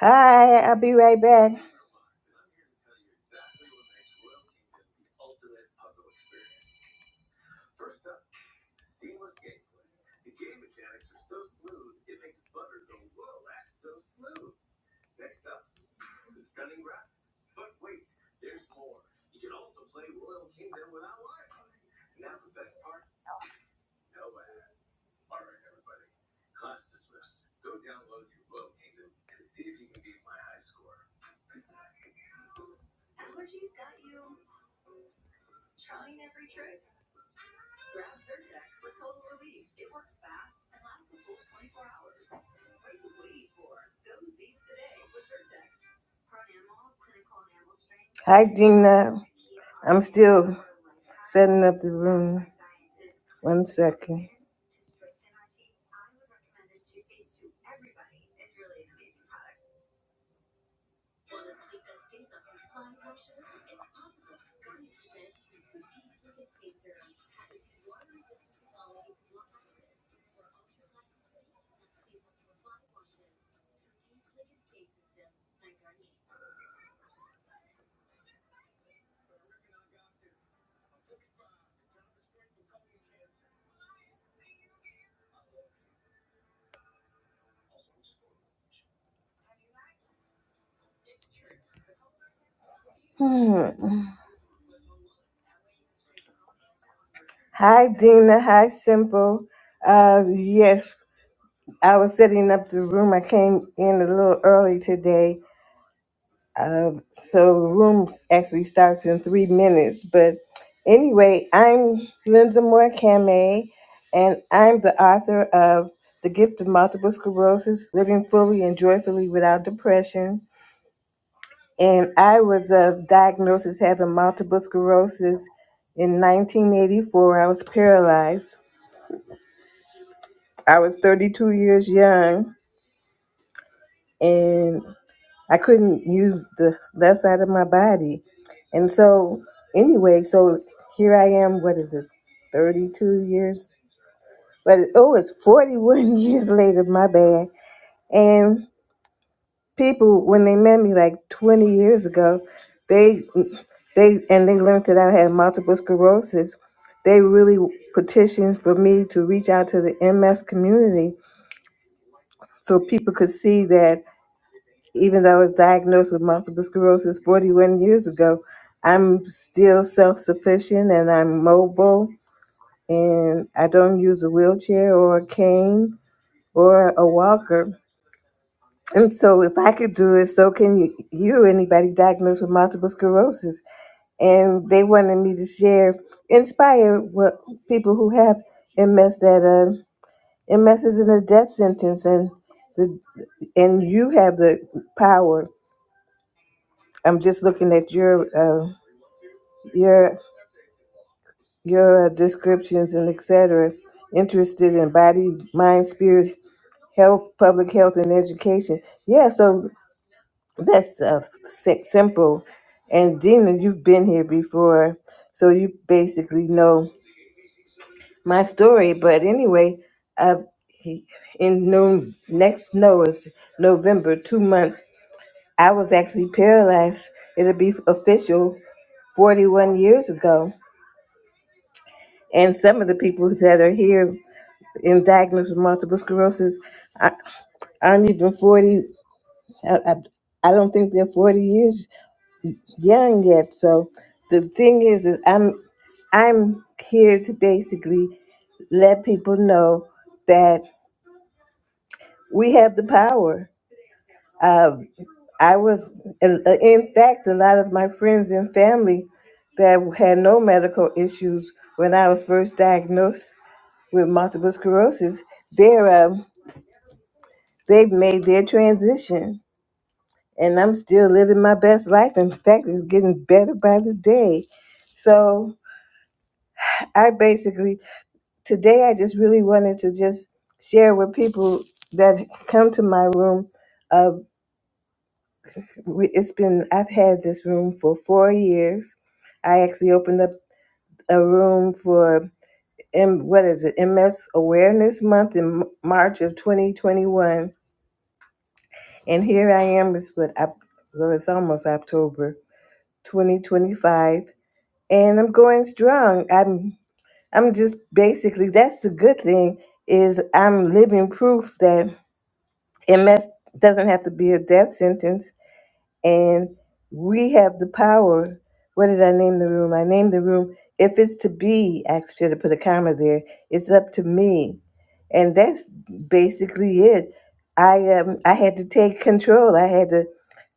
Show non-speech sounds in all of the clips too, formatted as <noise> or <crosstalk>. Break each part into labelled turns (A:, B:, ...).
A: Hi, I'll be right back. Hi, Gina. I'm still setting up the room. One second. Hmm. Hi, Dina. Hi, Simple. Uh, yes, I was setting up the room. I came in a little early today So the room actually starts in three minutes. But anyway, I'm Linda Moore Kame, and I'm the author of The Gift of Multiple Sclerosis Living Fully and Joyfully Without Depression. And I was of diagnosed as having multiple sclerosis in 1984. I was paralyzed. I was 32 years young, and I couldn't use the left side of my body. And so, anyway, so here I am, what is it, 32 years? But oh, it's 41 <laughs> years later, my bad. And people, when they met me like 20 years ago, they, they, and they learned that I had multiple sclerosis, they really petitioned for me to reach out to the MS community so people could see that even though I was diagnosed with multiple sclerosis 41 years ago, I'm still self sufficient and I'm mobile and I don't use a wheelchair or a cane or a walker. And so, if I could do it, so can you, you anybody diagnosed with multiple sclerosis. And they wanted me to share, inspire what people who have MS that uh, MS isn't a death sentence, and the, and you have the power I'm just looking at your uh, your your descriptions and etc. Interested in body, mind, spirit, health, public health, and education. Yeah, so that's uh, si- simple. And Dina, you've been here before, so you basically know my story. But anyway, uh, he- in no, next no is November, two months. I was actually paralyzed. It'll be official 41 years ago And some of the people that are here in diagnosed with multiple sclerosis I- aren't even 40. I, I, I don't think they're 40 years young yet. So the thing is, is I'm, I'm here to basically let people know that we have the power. Uh, I was, in fact, a lot of my friends and family that had no medical issues when I was first diagnosed. with multiple sclerosis, they're um, they've made their transition, and I'm still living my best life. In fact, it's getting better by the day. So I basically today I just really wanted to just share with people that come to my room. Uh, we- it's been I've had this room for four years. I actually opened up a room for M, what is it MS Awareness Month in M- March of 2021 And here I am, it's what Oc- well, it's almost October 2025, and I'm going strong. I'm I'm just basically that's the good thing is I'm living proof that MS doesn't have to be a death sentence and we have the power. What did I name the room? I named the room. If it's to be, actually, should have put a comma there. It's up to me, and that's basically it. I um, I had to take control. I had to,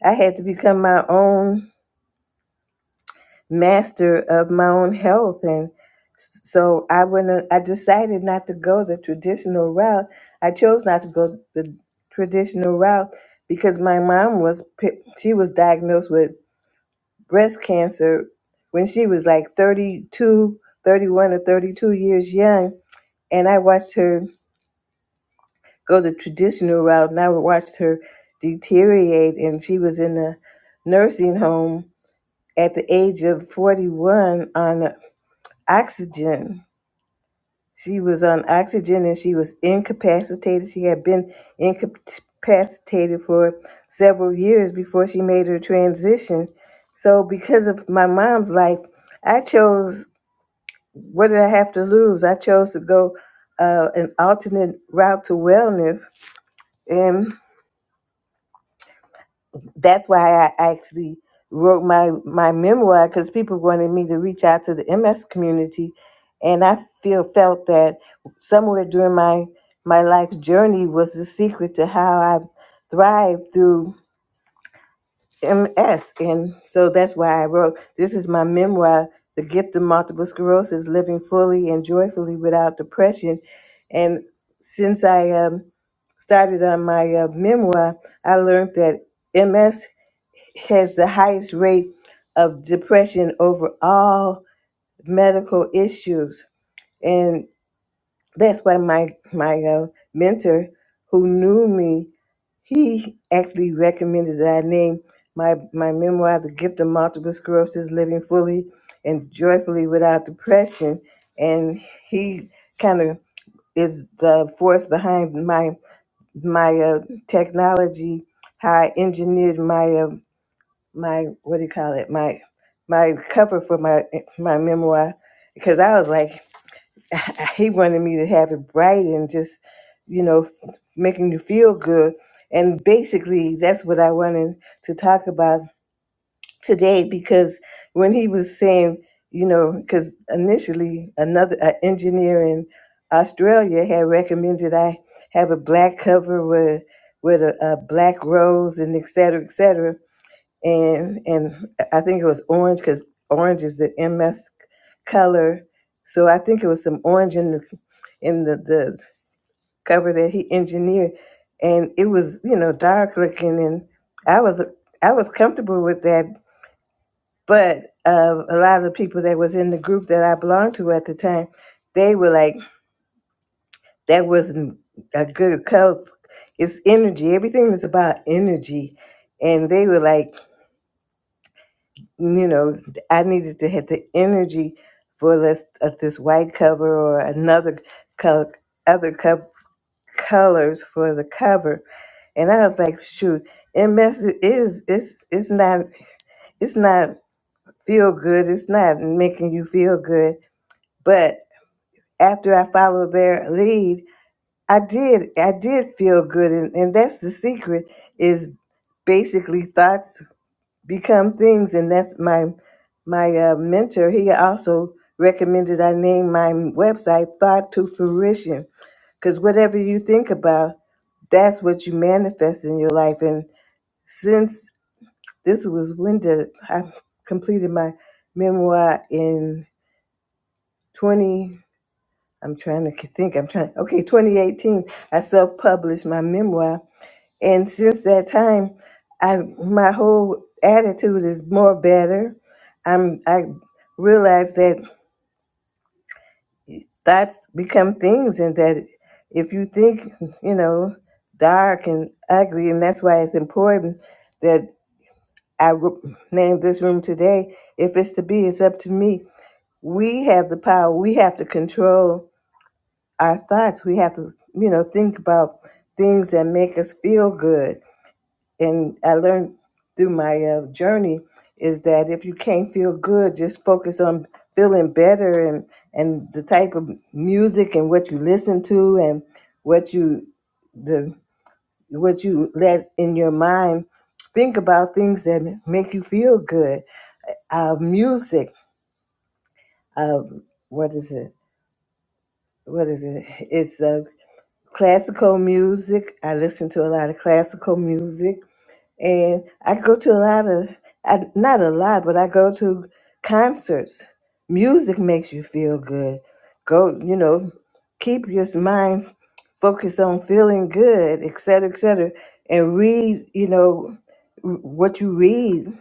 A: I had to become my own master of my own health, and s- so I went. uh, I decided not to go the traditional route. I chose not to go the traditional route because my mom was pi- she was diagnosed with breast cancer when she was like 32, 31, or 32 years young. And I watched her go the traditional route and I watched her deteriorate. And she was in a nursing home at the age of 41 on oxygen. She was on oxygen and she was incapacitated. She had been incapacitated for several years before she made her transition. So, because of my mom's life, I chose What did I have to lose? I chose to go uh, an alternate route to wellness, and that's why I actually wrote my my memoir because people wanted me to reach out to the MS community, and I feel felt that somewhere during my my life's journey was the secret to how I thrived through MS. And so that's why I wrote this is my memoir, The Gift of Multiple Sclerosis Living Fully and Joyfully Without Depression. And since I um, started on my uh, memoir, I learned that MS has the highest rate of depression over all medical issues. And that's why my, my uh, mentor, who knew me he actually recommended that I name my, my memoir, The Gift of Multiple Sclerosis Living Fully and Joyfully Without Depression. And he kind of is the force behind my my uh, technology, how I engineered my uh, my what do you call it my my cover for my my memoir because I was like <laughs> he wanted me to have it bright and just, you know, making you feel good. And basically, that's what I wanted to talk about today because when he was saying, you know, because initially another uh, engineer in Australia had recommended I have a black cover with with a, a black rose and et cetera, et cetera and and I think it was orange because orange is the MS color. So I think it was some orange in the in the, the cover that he engineered, and it was you know dark looking, and I was I was comfortable with that. But uh, a lot of the people that was in the group that I belonged to at the time, they were like, that wasn't a good color. It's energy. Everything is about energy, and they were like. you know, I needed to have the energy for this uh, this white cover or another color, other co- colors for the cover, and I was like, shoot, MS is it's it's not it's not feel good, it's not making you feel good, but after I followed their lead, I did I did feel good, and, and that's the secret is basically thoughts become things and that's my my uh, mentor he also recommended i name my website thought to fruition because whatever you think about that's what you manifest in your life and since this was when did i completed my memoir in 20 i'm trying to think i'm trying okay 2018 i self-published my memoir And since that time, I my whole attitude is more better. I'm I realize that thoughts become things, and that if you think, you know, dark and ugly, and that's why it's important that I re- named this room today. If it's to be, it's up to me. We have the power. We have to control our thoughts. We have to, you know, think about things that make us feel good and I learned through my uh, journey is that if you can't feel good, just focus on feeling better and and the type of music and what you listen to and what you the what you let in your mind think about things that make you feel good. Uh, music, uh, what is it? What is it? It's uh, classical music. I listen to a lot of classical music and I go to a lot of, I, not a lot, but I go to concerts. Music makes you feel good. Go, you know, keep your mind focused on feeling good, et cetera, et cetera, and read, you know, what you read.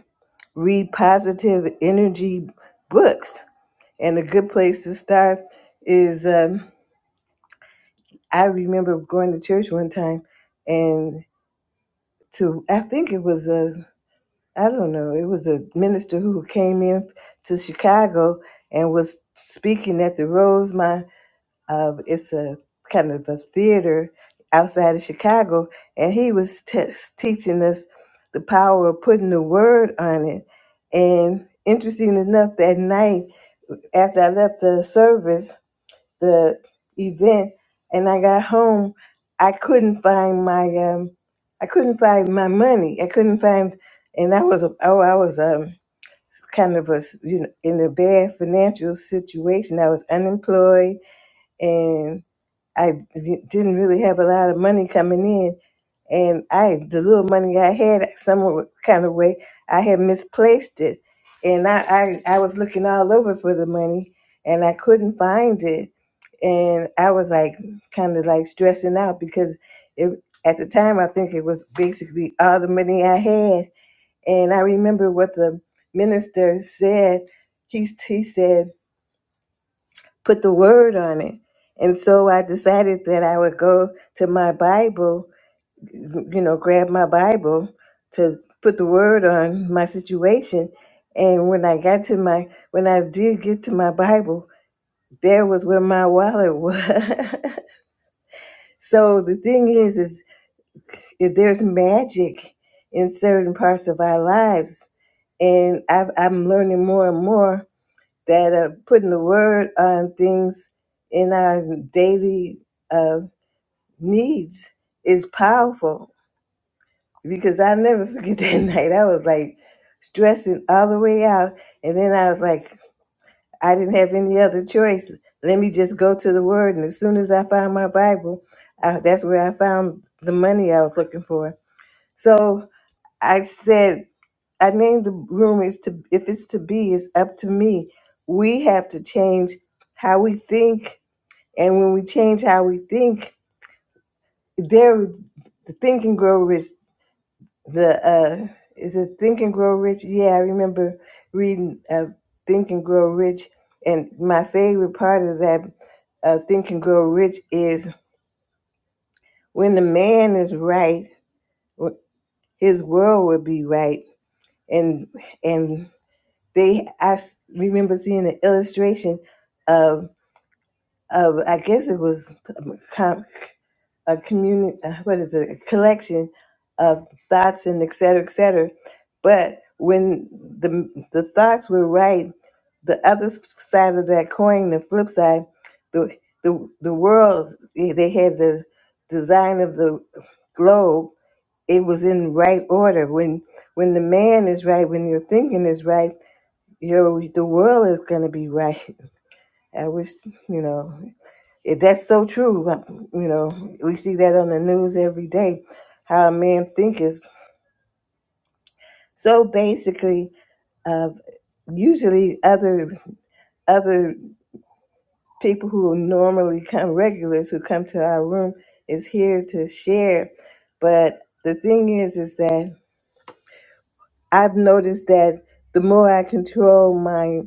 A: Read positive energy books. And a good place to start is um, I remember going to church one time and to, I think it was a. I don't know. It was a minister who came in to Chicago and was speaking at the Rosemont. Uh, it's a kind of a theater outside of Chicago, and he was t- teaching us the power of putting the word on it. And interesting enough, that night after I left the service, the event and I got home, I couldn't find my um I couldn't find my money. I couldn't find and I was oh I was um kind of a you know in a bad financial situation. I was unemployed and. I didn't really have a lot of money coming in, and I the little money I had, some kind of way, I had misplaced it, and I I, I was looking all over for the money, and I couldn't find it, and I was like kind of like stressing out because it at the time I think it was basically all the money I had, and I remember what the minister said. He he said put the word on it. And so I decided that I would go to my Bible, you know, grab my Bible to put the word on my situation. And when I got to my, when I did get to my Bible, there was where my wallet was. <laughs> so the thing is, is that there's magic in certain parts of our lives. And I've, I'm learning more and more that uh, putting the word on things in our daily uh, needs is powerful because I never forget <laughs> that night. I was like stressing all the way out. And then I was like, I didn't have any other choice. Let me just go to the Word. And as soon as I found my Bible, I, that's where I found the money I was looking for. So I said, I named the room is to if it's to be it's up to me. We have to change how we think, and when we change how we think, there the thinking grow rich the uh is it think and grow rich yeah i remember reading uh think and grow rich and my favorite part of that uh think and grow rich is when the man is right w- his world will be right and and they i s- remember seeing an illustration of of i guess it was com- a communi- uh, what is it, a collection of thoughts and et cetera, et cetera. But when the the thoughts were right, the other side of that coin, the flip side, the the the world eh, they had the design of the globe. It was in right order. When when the man is right, when your thinking is right, your the world is gonna be right. <laughs> I wish you know. It- That's so true. You know, we see that on the news every day. How a man think is so basically. Uh, usually, other other people who normally come regulars who come to our room is here to share. But the thing is, is that I've noticed that the more I control my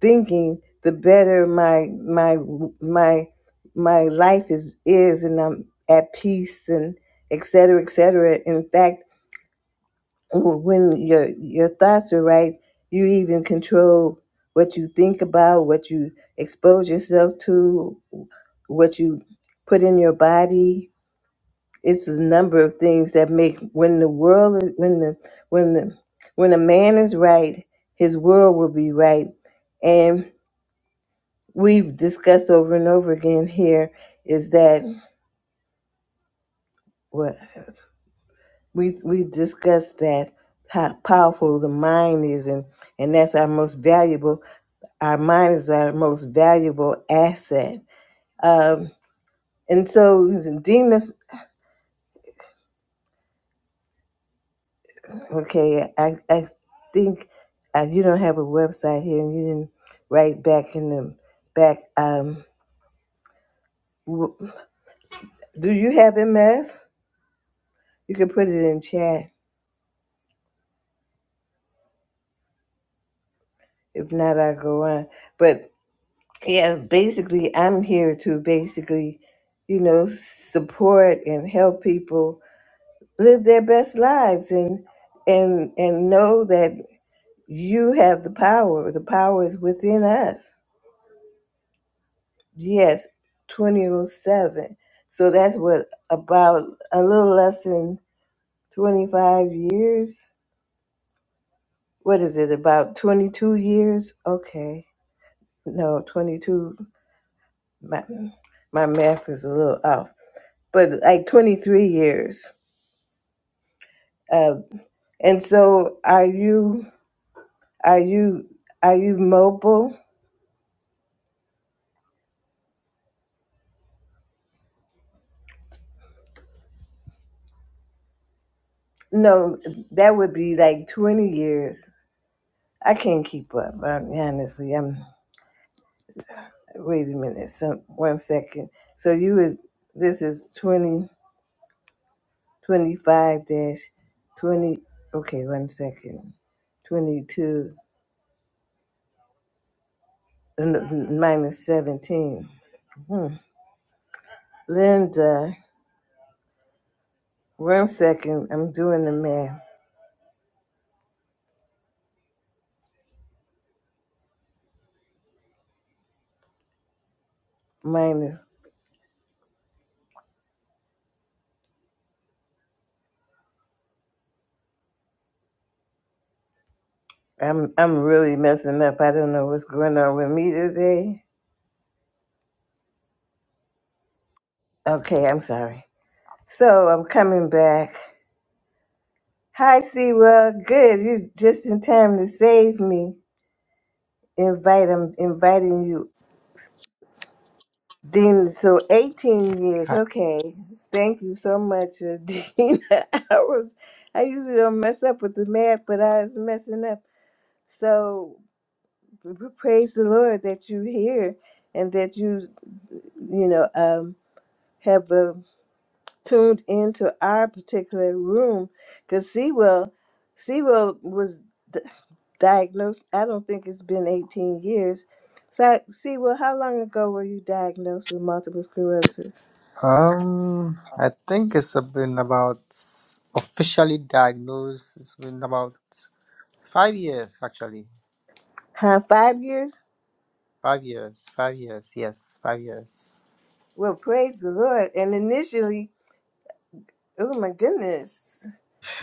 A: thinking, the better my my my my life is is, and I'm at peace and et cetera, et cetera. In fact, when your your thoughts are right, you even control what you think about, what you expose yourself to, what you put in your body, it's a number of things that make when the world is- when the when the when a man is right his world will be right and we've discussed over and over again here is that what we we discussed that how powerful the mind is and and that's our most valuable our mind is our most valuable asset um and so Dina Okay, I I think uh, you don't have a website here, and you didn't write back in the back. Um, w- do you have MS? You can put it in chat. If not, I'll go on. But yeah, basically, I'm here to basically, you know, support and help people live their best lives and and and know that you have the power. The power is within us Yes, 2007. So that's what about a little less than 25 years? What is it, about 22 years? Okay. No, 22. My, my math is a little off, but like 23 years. Uh, and so are you, are you, are you mobile? No, that would be like 20 years. I can't keep up. I, honestly, I'm Wait a minute, some, one second. So you would, this is 20 25 dash 20, okay, one second. 22 uh, no, minus 17. Hmm. Linda, one second, I'm doing the math. Minus, I'm, I'm really messing up. I don't know what's going on with me today. Okay, I'm sorry. So I'm coming back. Hi, Siwa. Good. You're just in time to save me. invite I'm inviting you. Dean, so 18 years,
B: Hi.
A: okay. Thank you so much, uh, <laughs> Dean. I was, I usually don't mess up with the math, but I was messing up. So p- p- praise the Lord that you're here and that you, you know, um, have a tuned into our particular room because Sewell, Sewell was d- diagnosed, I don't think it's been 18 years. So, I- Sewell, how long ago were you diagnosed with multiple sclerosis?
B: Um, I think it's been about officially diagnosed. It's been about five years, actually.
A: Huh, five years?
B: Five years. Five years. Yes, five years.
A: Well, praise the Lord. And initially, oh my goodness.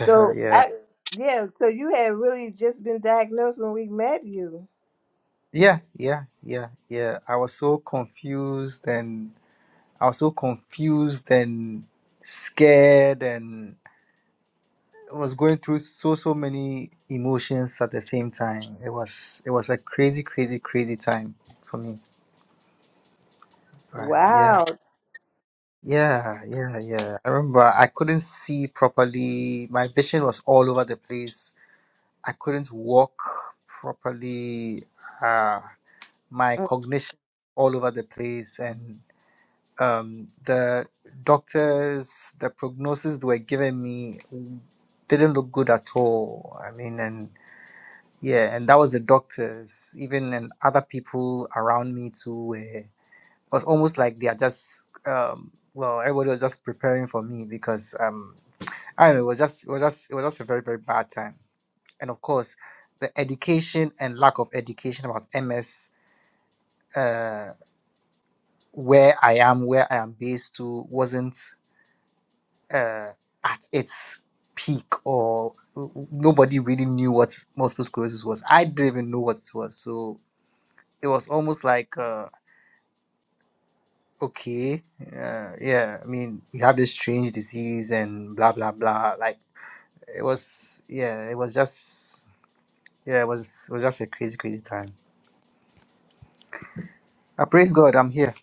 B: Uh-huh, yeah.
A: I, yeah, so you had really just been diagnosed when we met you.
B: Yeah. Yeah. Yeah. Yeah. I was so confused, and I was so confused and scared, and I was going through so so many emotions at the same time. It was it was a crazy, crazy, crazy time for me. Right. yeah.
A: Wow.
B: Yeah, yeah, yeah. I remember I couldn't see properly. My vision was all over the place. I couldn't walk properly. Uh, my cognition all over the place, and um, the doctors, the prognosis they were giving me didn't look good at all. I mean, and yeah, and that was the doctors. Even and other people around me too. It was almost like they are just um well everybody was just preparing for me because um I don't know it was just it was just it was just a very very bad time and of course the education and lack of education about MS uh where I am where I am based to wasn't uh at its peak or nobody really knew what multiple sclerosis was I didn't even know what it was so it was almost like Uh, okay, uh, yeah, I mean, we have this strange disease and blah blah blah. Like it was, yeah, it was just, yeah, it was, it was just a crazy, crazy time. I praise God, I'm here.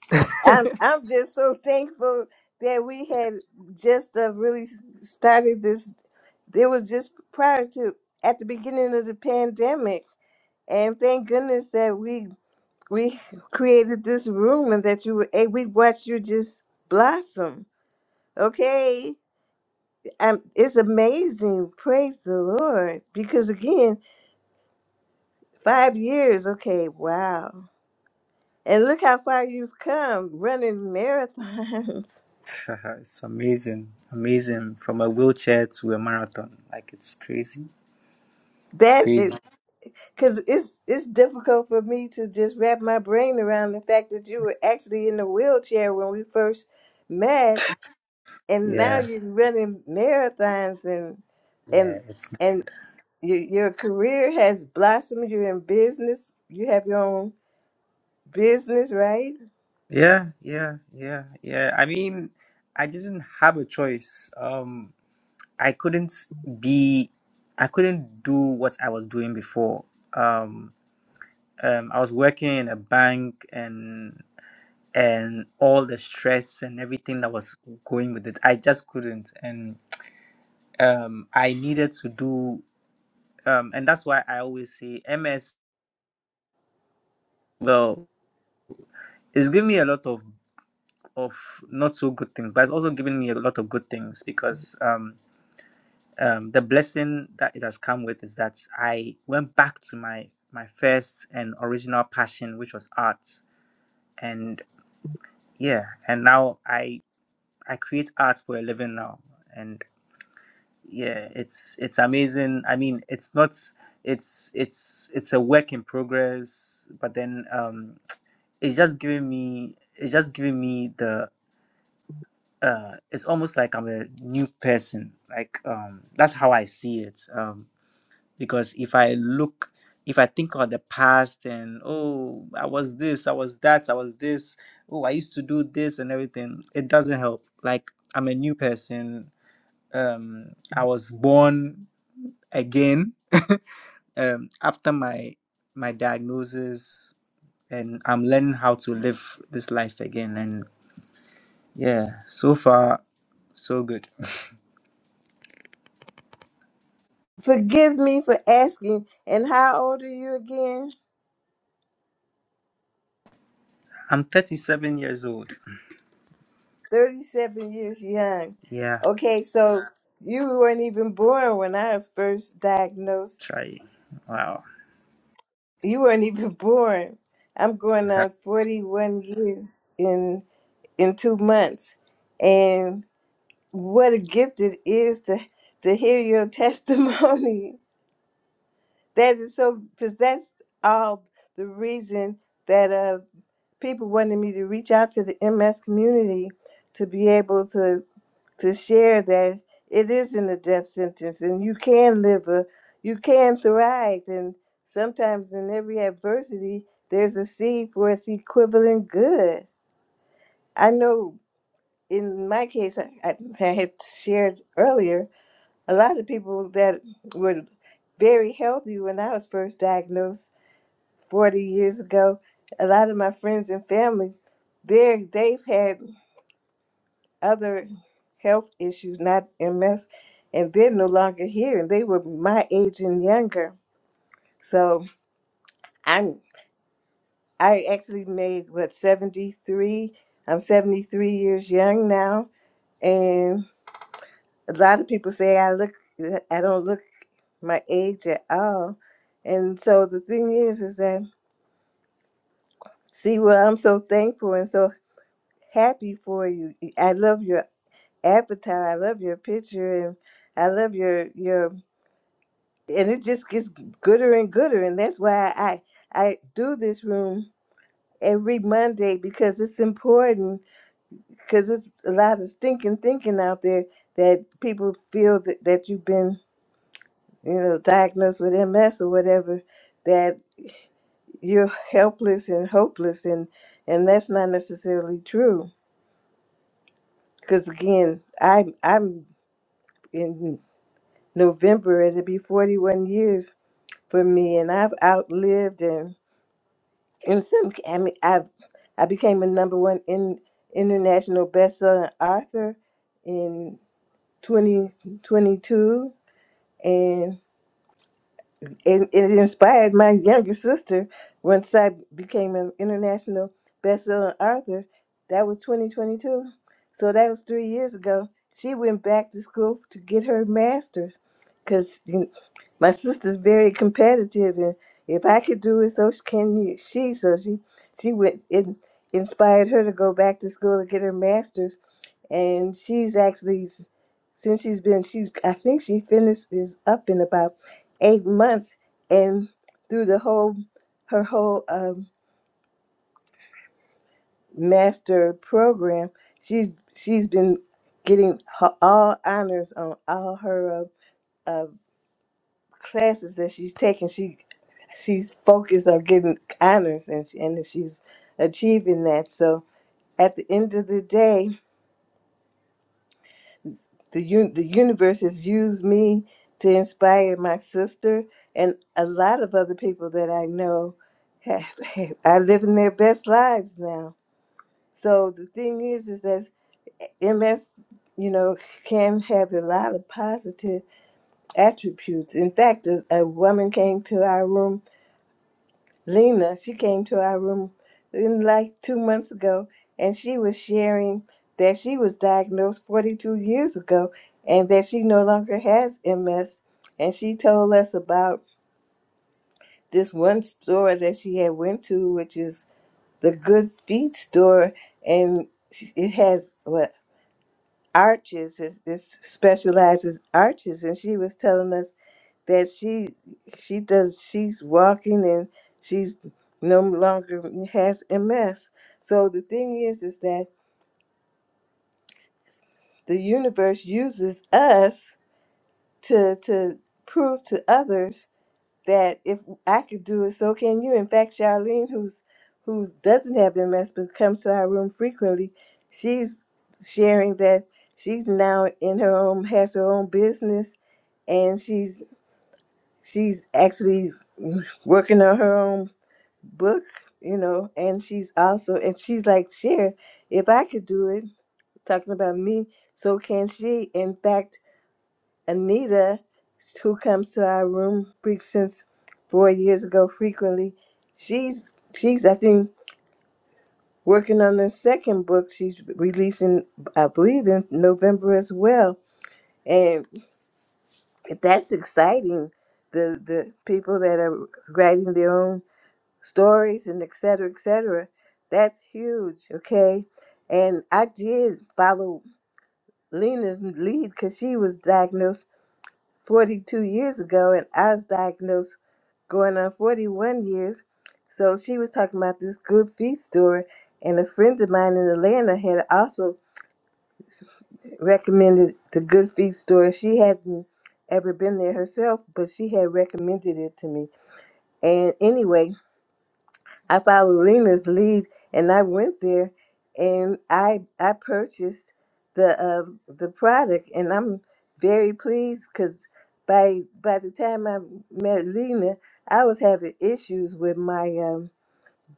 A: I'm I'm just so thankful that we had just uh, really started this. It was just prior to at the beginning of the pandemic, and thank goodness that we we <laughs> created this room and that you were eh, we watched you just blossom. Okay, um, it's amazing. Praise the Lord, because again, five years. Okay, wow, and look how far you've come running marathons. <laughs>
B: <laughs> it's amazing, amazing. From a wheelchair to a marathon, like it's crazy, it's
A: That is.
B: crazy.
A: because it's it's difficult for me to just wrap my brain around the fact that you were actually in a wheelchair when we first met, and now
B: Yeah,
A: you're running marathons and
B: yeah,
A: and
B: it's
A: and your your career has blossomed. You're in business. You have your own business, right?
B: yeah, yeah, yeah, yeah. I mean, I didn't have a choice. Um, I couldn't be, I couldn't do what I was doing before. Um. um, I was working in a bank and and all the stress and everything that was going with it, I just couldn't. And um, I needed to do, um, and that's why I always say MS. Well, it's given me a lot of of not so good things, but it's also given me a lot of good things because um, um, the blessing that it has come with is that I went back to my my first and original passion, which was art, and yeah, and now I I create art for a living now, and yeah, it's it's amazing. I mean, it's not it's it's it's a work in progress, but then um, it's just giving me it's just giving me the uh, it's almost like I'm a new person. Like um, that's how I see it. Um, because if I look, if I think of the past and oh, I was this, I was that, I was this. Oh, I used to do this and everything. It doesn't help. Like I'm a new person Um, I was born again um, after my my diagnosis, and I'm learning how to live this life again. And yeah, so far so good.
A: Forgive me for asking. And how old are you again?
B: I'm 37 years old.
A: Thirty-seven years young.
B: Yeah,
A: Okay, so you weren't even born when I was first diagnosed
B: try. Wow.
A: You weren't even born. I'm
B: <laughs>
A: going on 41 years in in two months, and what a gift it is to to hear your testimony. <laughs> That is so because that's all the reason that uh people wanted me to reach out to the MS community to be able to to share that it isn't a death sentence and you can live a you can thrive and sometimes in every adversity there's a seed for its equivalent good i know in my case i, I I had shared earlier a lot of people that were very healthy when i was first diagnosed 40 years ago a lot of my friends and family there they've had other health issues, not MS, and they're no longer here. And they were my age and younger. So I'm I actually made what 73. I'm 73 years young now, and a lot of people say I look I don't look my age at all. And so the thing is, is that see, well, I'm so thankful and so happy for you. I love your avatar. I love your picture, and I love your your and it just gets gooder and gooder and that's why i i do this room every monday because it's important because it's a lot of stinking thinking out there that people feel that, that you've been you know diagnosed with ms or whatever that you're helpless and hopeless and and that's not necessarily true because again i i'm in november it'll be 41 years for me and i've outlived and In some, I mean, I I became a number one in international best-selling author in 2022, and it, it inspired my younger sister once I became an international best-selling author. That was 2022. So that was three years ago. She went back to school to get her master's because my sister's very competitive. And if I could do it, so sh- can you, she. So she, she went, it inspired her to go back to school to get her master's and she's actually since she's been she's I think she finishes up in about eight months, and through the whole her whole um, master program, she's she's been getting her, all honors on all her uh, uh, classes that she's taken. She she's focused on getting honors, and she, and she's achieving that. So at the end of the day the un- the universe has used me to inspire my sister and a lot of other people that I know have, have are living their best lives now. So the thing is, is that MS, you know, can have a lot of positive attributes. In fact, a, a woman came to our room Lena, she came to our room in like two months ago, and she was sharing that she was diagnosed 42 years ago and that she no longer has MS. And she told us about this one store that she had went to, which is the Good Feet store, and she- it has what arches it, this specializes arches and she was telling us that she she does she's walking and she's no longer has ms so the thing is is that the universe uses us to to prove to others that if i could do it so can you in fact charlene who's who doesn't have ms but comes to our room frequently she's sharing that she's now in her own has her own business and she's she's actually working on her own book you know and she's also and she's like share if i could do it talking about me so can she in fact anita who comes to our room freak since four years ago frequently she's she's i think working on her second book she's releasing i believe in november as well that's exciting. The the people that are writing their own stories and et cetera, et cetera. That's huge, okay? And I did follow Lena's lead because she was diagnosed 42 years ago, and I was diagnosed going on 41 years. So she was talking about this good feet store, and a friend of mine in Atlanta had also recommended the Good Feet store. She hadn't ever been there herself, but she had recommended it to me. And anyway, I followed Lena's lead, and I went there, and I I purchased the uh, the product, and I'm very pleased because by by the time I met Lena, I was having issues with my um,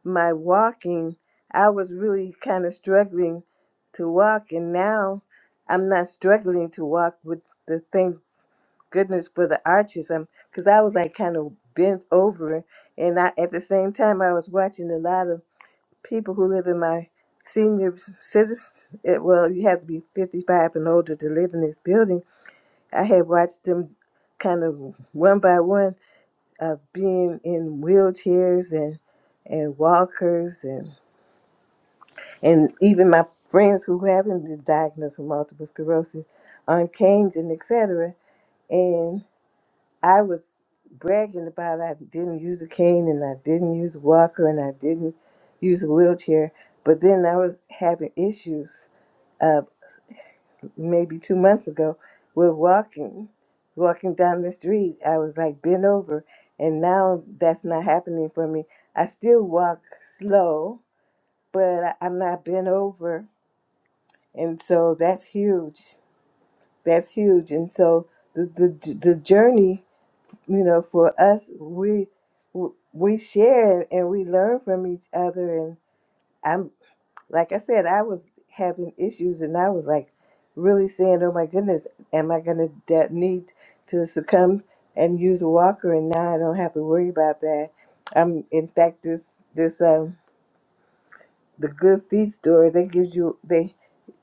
A: my walking, I was really kind of struggling to walk, and now I'm not struggling to walk with the thank goodness for the arches. I'm because I was like kind of bent over, and I at the same time I was watching a lot of people who live in my senior citizens. It, well, you have to be 55 and older to live in this building. I had watched them kind of one by one of being in wheelchairs and and walkers and and even my friends who haven't been diagnosed with multiple sclerosis on canes and et cetera. And I was bragging about I didn't use a cane and I didn't use a walker and I didn't use a wheelchair. But then I was having issues uh, maybe two months ago with walking, walking down the street. I was like bent over and now that's not happening for me. I still walk slow, but I- I'm not bent over and so that's huge that's huge and so the the, the journey you know for us we we share and we learn from each other and i'm like i said i was having issues and i was like really saying oh my goodness am i going to de- need to succumb and use a walker and now i don't have to worry about that i'm in fact this this um the good feed store they gives you they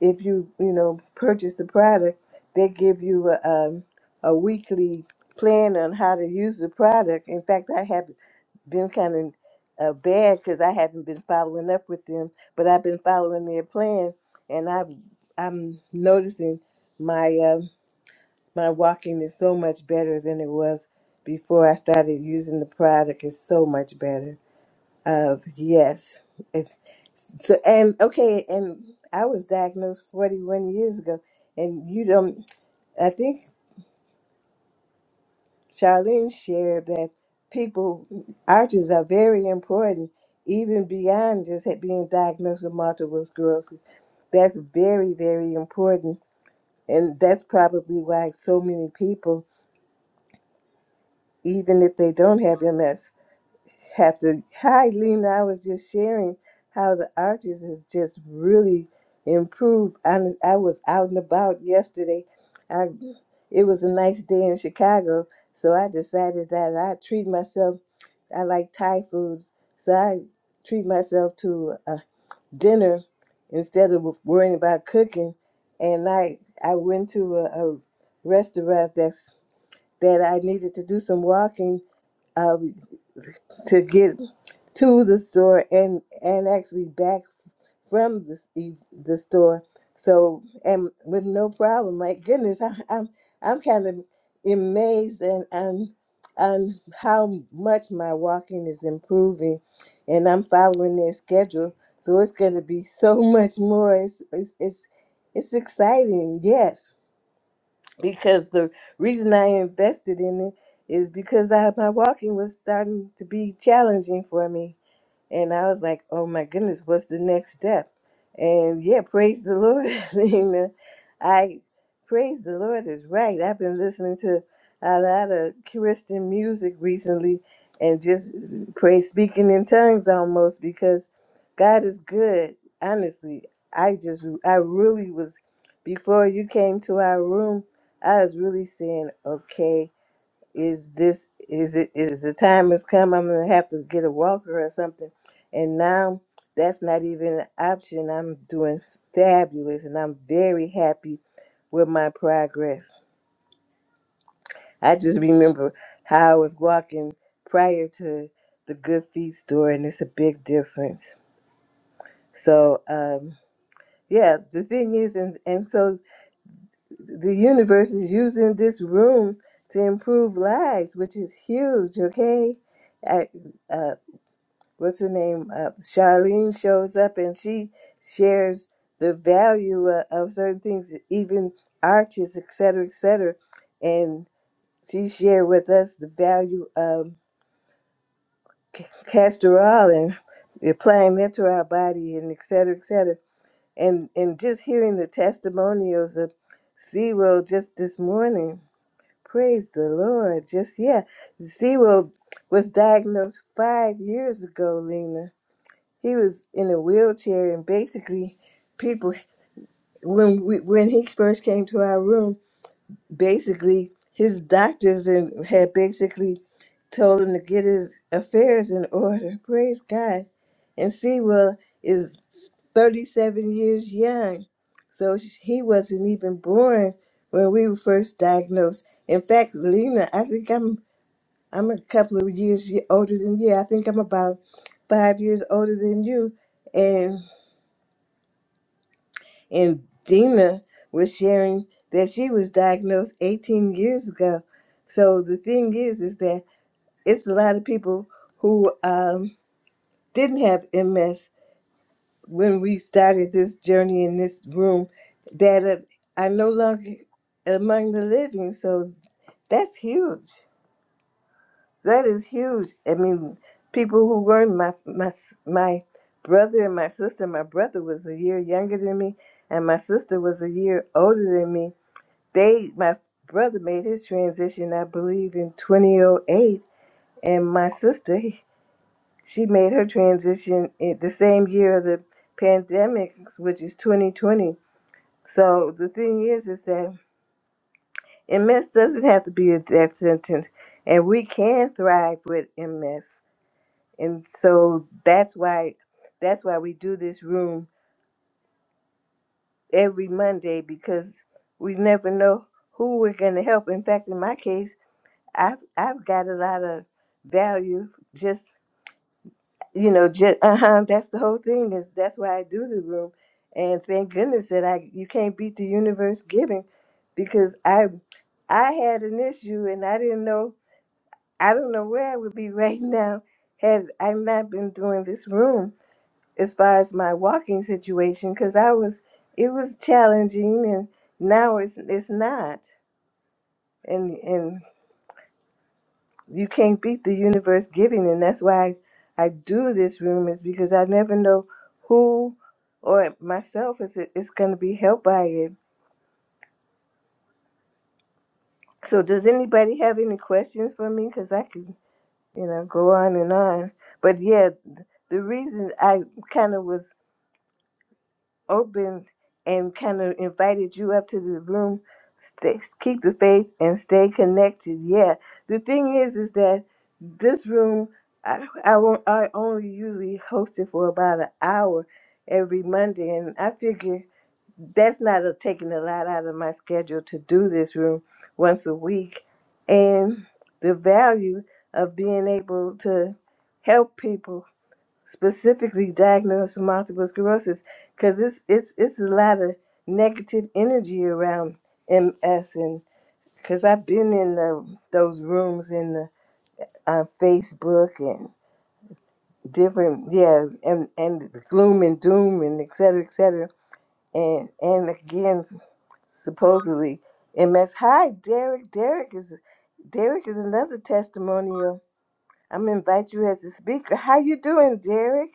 A: if you you know purchase the product they give you a, um, a weekly plan on how to use the product in fact i have been kind of uh, bad because i haven't been following up with them but i've been following their plan and i've i'm noticing my um my walking is so much better than it was before i started using the product it's so much better uh, yes so and okay, and I was diagnosed 41 years ago, and you don't. I think Charlene shared that people arches are very important, even beyond just ha- being diagnosed with multiple sclerosis. That's very very important, and that's probably why so many people, even if they don't have MS, After hi Lena, I was just sharing how the arches has just really improved. I, was- I was out and about yesterday. I it was a nice day in Chicago, so I decided that I treat myself. I like Thai food, so I treat myself to a dinner instead of worrying about cooking. And I I went to a, a restaurant that's that I needed to do some walking to get to the store and and actually back from the s- e- the store. So and with no problem. My goodness, <laughs> I, I'm I'm kind of amazed and and and how much my walking is improving, and I'm following their schedule. So it's going to be so <laughs> much more. It's it's it's, it's exciting. Yes because the reason I invested in it is because I, my walking was starting to be challenging for me. And I was like, oh my goodness, what's the next step? And yeah, praise the Lord. <laughs> you I praise the Lord is right. I've been listening to a lot of Christian music recently and just uh, praise speaking in tongues almost because God is good. Honestly, I just, I really was, before you came to our room, I was really saying, okay, is this is it is the time has come i'm gonna have to get a walker or something and now that's not even an option i'm doing fabulous and i'm very happy with my progress i just remember how i was walking prior to the good feet store and it's a big difference so um yeah the thing is and and so the universe is using this room to improve lives which is huge okay I, uh, what's her name? Uh, Charlene shows up and she shares the value of, of certain things, even arches, et cetera, et cetera. And she shared with us the value of c- castor oil and applying that to our body and et cetera, et cetera. And, and just hearing the testimonials of Zero just this morning, praise the Lord. Just, yeah, Zero was diagnosed five years ago, Lena he was in a wheelchair and basically people when we, when he first came to our room basically his doctors and had basically told him to get his affairs in order praise god and sewell is 37 years young so sh- he wasn't even born when we were first diagnosed in fact lena i think i'm i'm a couple of years y- older than you i think i'm about five years older than you and And Dina was sharing that she was diagnosed 18 years ago. So the thing is, is that it's a lot of people who um, didn't have MS when we started this journey in this room that uh, are no longer among the living. So that's huge. That is huge. I mean, people who were my my s- my brother and my sister. My brother was a year younger than me, and my sister was a year older than me they my brother made his transition i believe in 2008 and my sister she made her transition in the same year of the pandemic which is 2020 so the thing is is that ms doesn't have to be a death sentence and we can thrive with ms and so that's why that's why we do this room every monday because we never know who we're going to help in fact in my case I've I've got a lot of value. Just you know, just uh huh. That's the whole thing. Is that's why I do the room, and thank goodness that I you can't beat the universe giving, because I I had an issue and I didn't know I don't know where I would be <laughs> right now had I not been doing this room as far as my walking situation, because I was it was challenging and now it's it's not. you can't beat the universe giving and that's why I, I do this room is because I never know who or myself is is going to be helped by it. So does anybody have any questions for me cuz I could you know go on and on. But yeah, the reason I kind of was Opened and kind of invited you up to the room. Stay, keep the faith and stay connected. Yeah. The thing is, is that this room, I, I, won't, I only usually host it for about an hour every Monday. And I figure that's not a, taking a lot out of my schedule to do this room once a week. And the value of being able to help people specifically diagnosed with multiple sclerosis because it's it's it's a lot of negative energy around MS and because I've been in the, those rooms in the uh, Facebook and different yeah and and the gloom and doom and et cetera et cetera and and again supposedly MS. Hi Derek. Derek is Derek is another testimonial. I'm gonna invite you as a speaker. How you doing, Derek?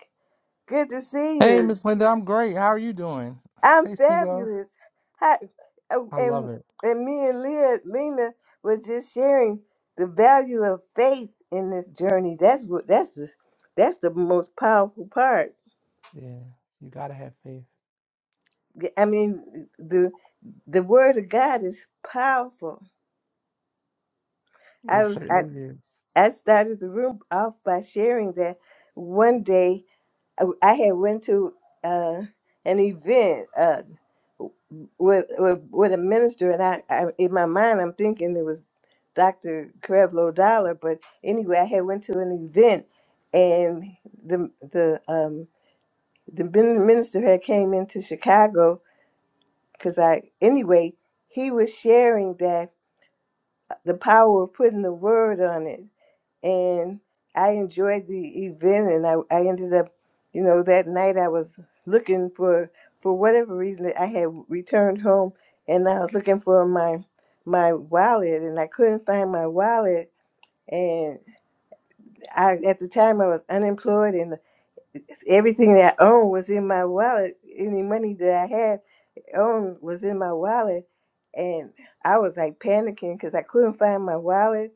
A: Good to see
C: Hey,
A: you.
C: Miss Linda, I'm great. How are you doing?
A: I'm
C: Hey, Sibo.
A: fabulous. Hi, oh,
C: I love
A: and
C: it.
A: and me and Leah, Lena was just sharing the value of faith in this journey. That's what that's just that's the most powerful part.
C: Yeah, you gotta have faith.
A: I mean, the the word of God is powerful. I
C: It
A: was I,
C: certainly is.
A: I started the room off by sharing that one day I I had went to uh, an event. Uh, with with, with a minister, and I, I in my mind I'm thinking it was Dr. Crevlo Dollar, but anyway, I had went to an event, and the the um the min- minister had came into Chicago because I anyway he was sharing that uh, the power of putting the word on it and I enjoyed the event. And I, I ended up, you know, that night I was looking for, for whatever reason, I had returned home, and I was looking for my my wallet, and I couldn't find my wallet. And I, at the time, I was unemployed, and everything that I owned was in my wallet. Any money that I had owned was in my wallet, and I was like panicking because I couldn't find my wallet,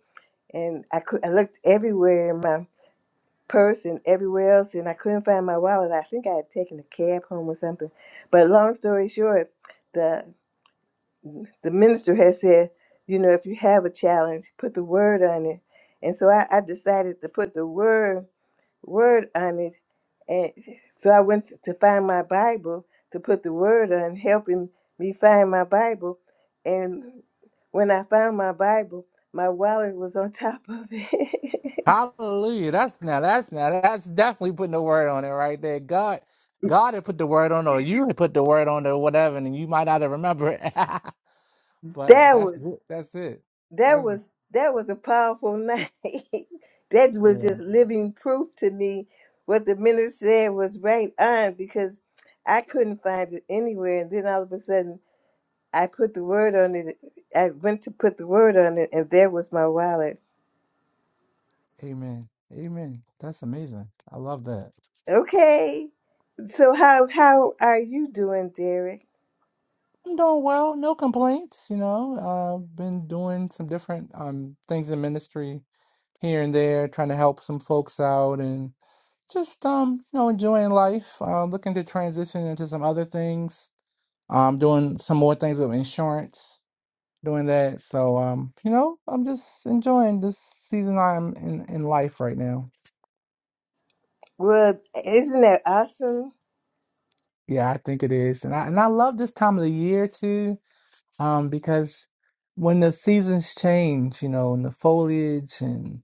A: and I could, I looked everywhere in my purse and everywhere else, and I couldn't find my wallet. I think I had taken a cab home or something. But long story short, the the minister had said, you know, if you have a challenge, put the word on it. And so I, I decided to put the word word on it. And so I went to, to find my Bible to put the word on, helping me find my Bible. And when I found my Bible, my wallet was on <laughs> top of it.
C: Hallelujah. That's now. That's now. That's definitely putting the word on it right there. God, God had put the word on, or you had put the word on, or whatever, and you might not have remembered it. <laughs>
A: <laughs>
C: but
A: that
C: that's
A: was
C: it. That's it.
A: that
C: That's
A: was that was a powerful <laughs> night. that was
C: yeah.
A: just living proof to me what the minister said was right on because I couldn't find it anywhere. And then all of a sudden, I put the word on it. I went to put the word on it, and there was my wallet.
C: Amen. Amen. That's amazing. I love that.
A: Okay, so how how are you doing, Derek?
C: I'm doing well, no complaints, you know. I've been doing some different um things in ministry here and there, trying to help some folks out and just um, you know, enjoying life. Uh, looking to transition into some other things. I'm doing some more things with insurance, doing that. So um, you know, I'm just enjoying this season I'm in in life right now.
A: Well, isn't that awesome?
C: Yeah, I think it is. And I and I love this time of the year too. um, because when the seasons change, you know, and the foliage and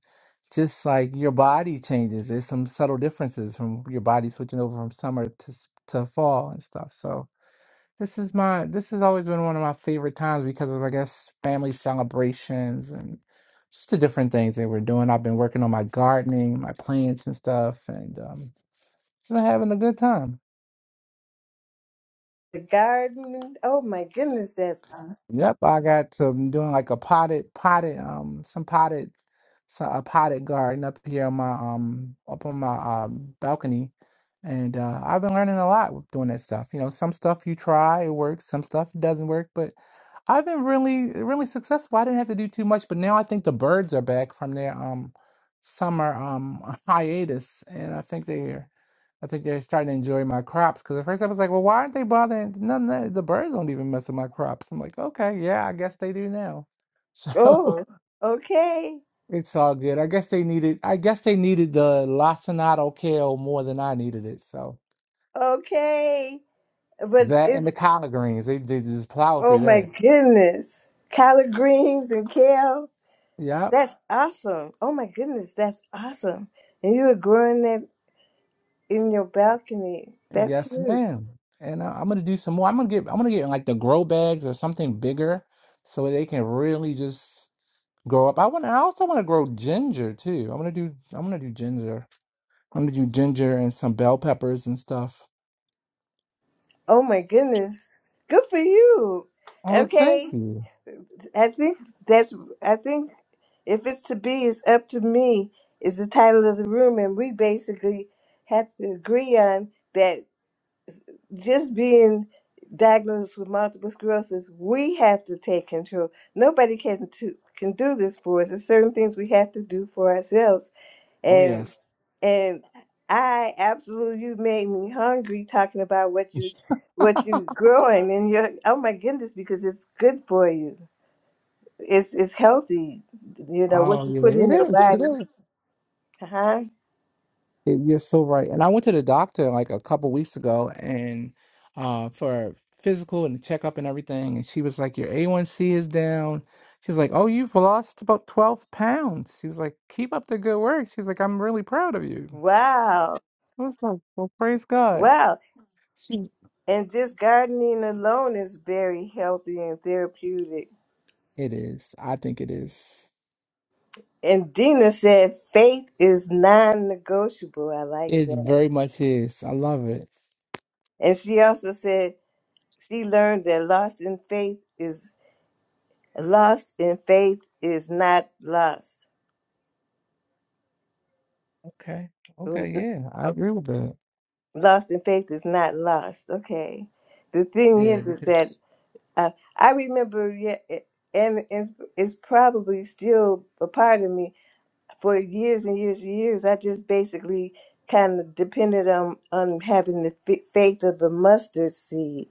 C: just like your body changes, there's some subtle differences from your body switching over from summer to s- to fall and stuff. So this is my this has always been one of my favorite times because of I guess family celebrations and just the different things that we're doing. I've been working on my gardening, my plants and stuff, and um, just been having a good time.
A: The garden. Oh my goodness, that's awesome.
C: Yep, I got some doing like a potted, potted, um, some potted, so a potted garden up here on my um, up on my um balcony, and uh, I've been learning a lot with doing that stuff. You know, some stuff you try it works, some stuff doesn't work, but I've been really, really successful. I didn't have to do too much, but now I think the birds are back from their um summer um <laughs> hiatus, and I think they're I think they're starting to enjoy my crops because at first I was like, well, why aren't they bothering? None the the birds don't even mess with my crops. I'm like, okay, yeah, I guess they do now. So <laughs>
A: oh okay,
C: it's all good. I guess they needed. I guess they needed the lacinato kale more than I needed it. So
A: okay but
C: that
A: it's
C: and the collard greens, they, they just plow
A: Oh
C: through
A: my
C: that.
A: goodness. Collard greens and kale.
C: Yep.
A: That's awesome. Oh my goodness, that's awesome. And you were growing that in your balcony. That's
C: Yes,
A: huge.
C: ma'am. And uh, I'm gonna do some more. I'm gonna get. I'm gonna get like the grow bags or something bigger so they can really just grow up. I want. I also want to grow ginger too. I am going to do. I am going to do ginger. I'm gonna do ginger and some bell peppers and stuff.
A: Oh my goodness. Good for you.
C: Oh, thank
A: Okay.
C: you.
A: I think that's I think if it's to be, it's up to me is the title of the room and we basically have to agree on that just being diagnosed with multiple sclerosis, we have to take control. Nobody can to, can do this for us. There's certain things we have to do for ourselves.
C: Oh
A: And
C: yes.
A: and I absolutely you made me hungry talking about what you what
C: <laughs>
A: you growing and your oh my goodness because it's good for you. It's it's healthy. You know what
C: Oh,
A: you put
C: yeah, it
A: in your
C: is. It
A: body.
C: is.
A: Huh?
C: Y- You're so right. And I went to the doctor like a couple weeks ago and uh for physical and checkup and everything. And she was like, Your A1C is down. She was like, Oh, you've lost about 12 pounds. She was like, Keep up the good work. She was like, I'm really proud of you.
A: Wow.
C: I was like, Well, praise God.
A: Wow.
C: She,
A: And just gardening alone is very healthy and therapeutic.
C: it is. I think it is.
A: And Dina said, faith is non negotiable. I like
C: It
A: that.
C: very much is. I love it.
A: And she also said she learned that lost in faith is lost in faith is not lost.
C: Okay. Okay. Yeah, I agree with that.
A: Lost in faith is not lost. Okay. The thing
C: Yeah,
A: is, is
C: because
A: that uh, I remember, yeah, and it's, it's probably still a part of me for years and years and years. I just basically kind of depended on, on having the f- faith of the mustard seed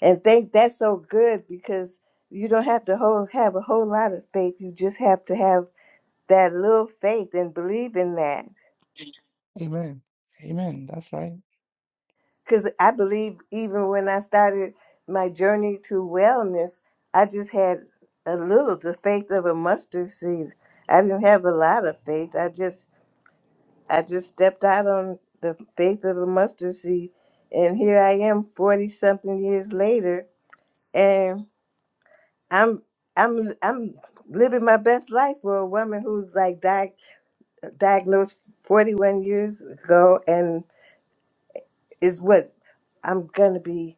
A: And think that's so good because you don't have to whole, have a whole lot of faith. You just have to have that little faith and believe in that.
C: amen. Amen. That's right.
A: Because I believe even when I started my journey to wellness, I just had a little the faith of a mustard seed. I didn't have a lot of faith. I just I just stepped out on the faith of a mustard seed, and here I am, forty something years later, I'm I'm I'm living my best life for a woman who's like diag- diagnosed 41 years ago and is what I'm gonna be.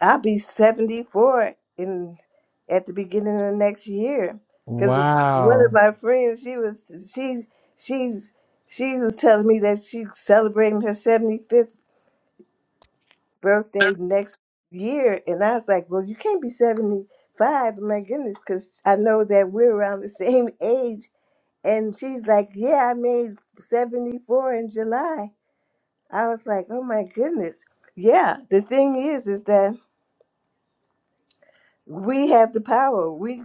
A: I'll be 74 in at the beginning of next year. Because one of
C: Wow.
A: my friends, she was she she's she was telling me that she's celebrating her 75th birthday next year, and I was like, well, you can't be seventy five, My goodness, because I know that we're around the same age, And she's like, Yeah, I made 74 in July. I was like, Oh my goodness. Yeah, the thing is, is that we have the power. We,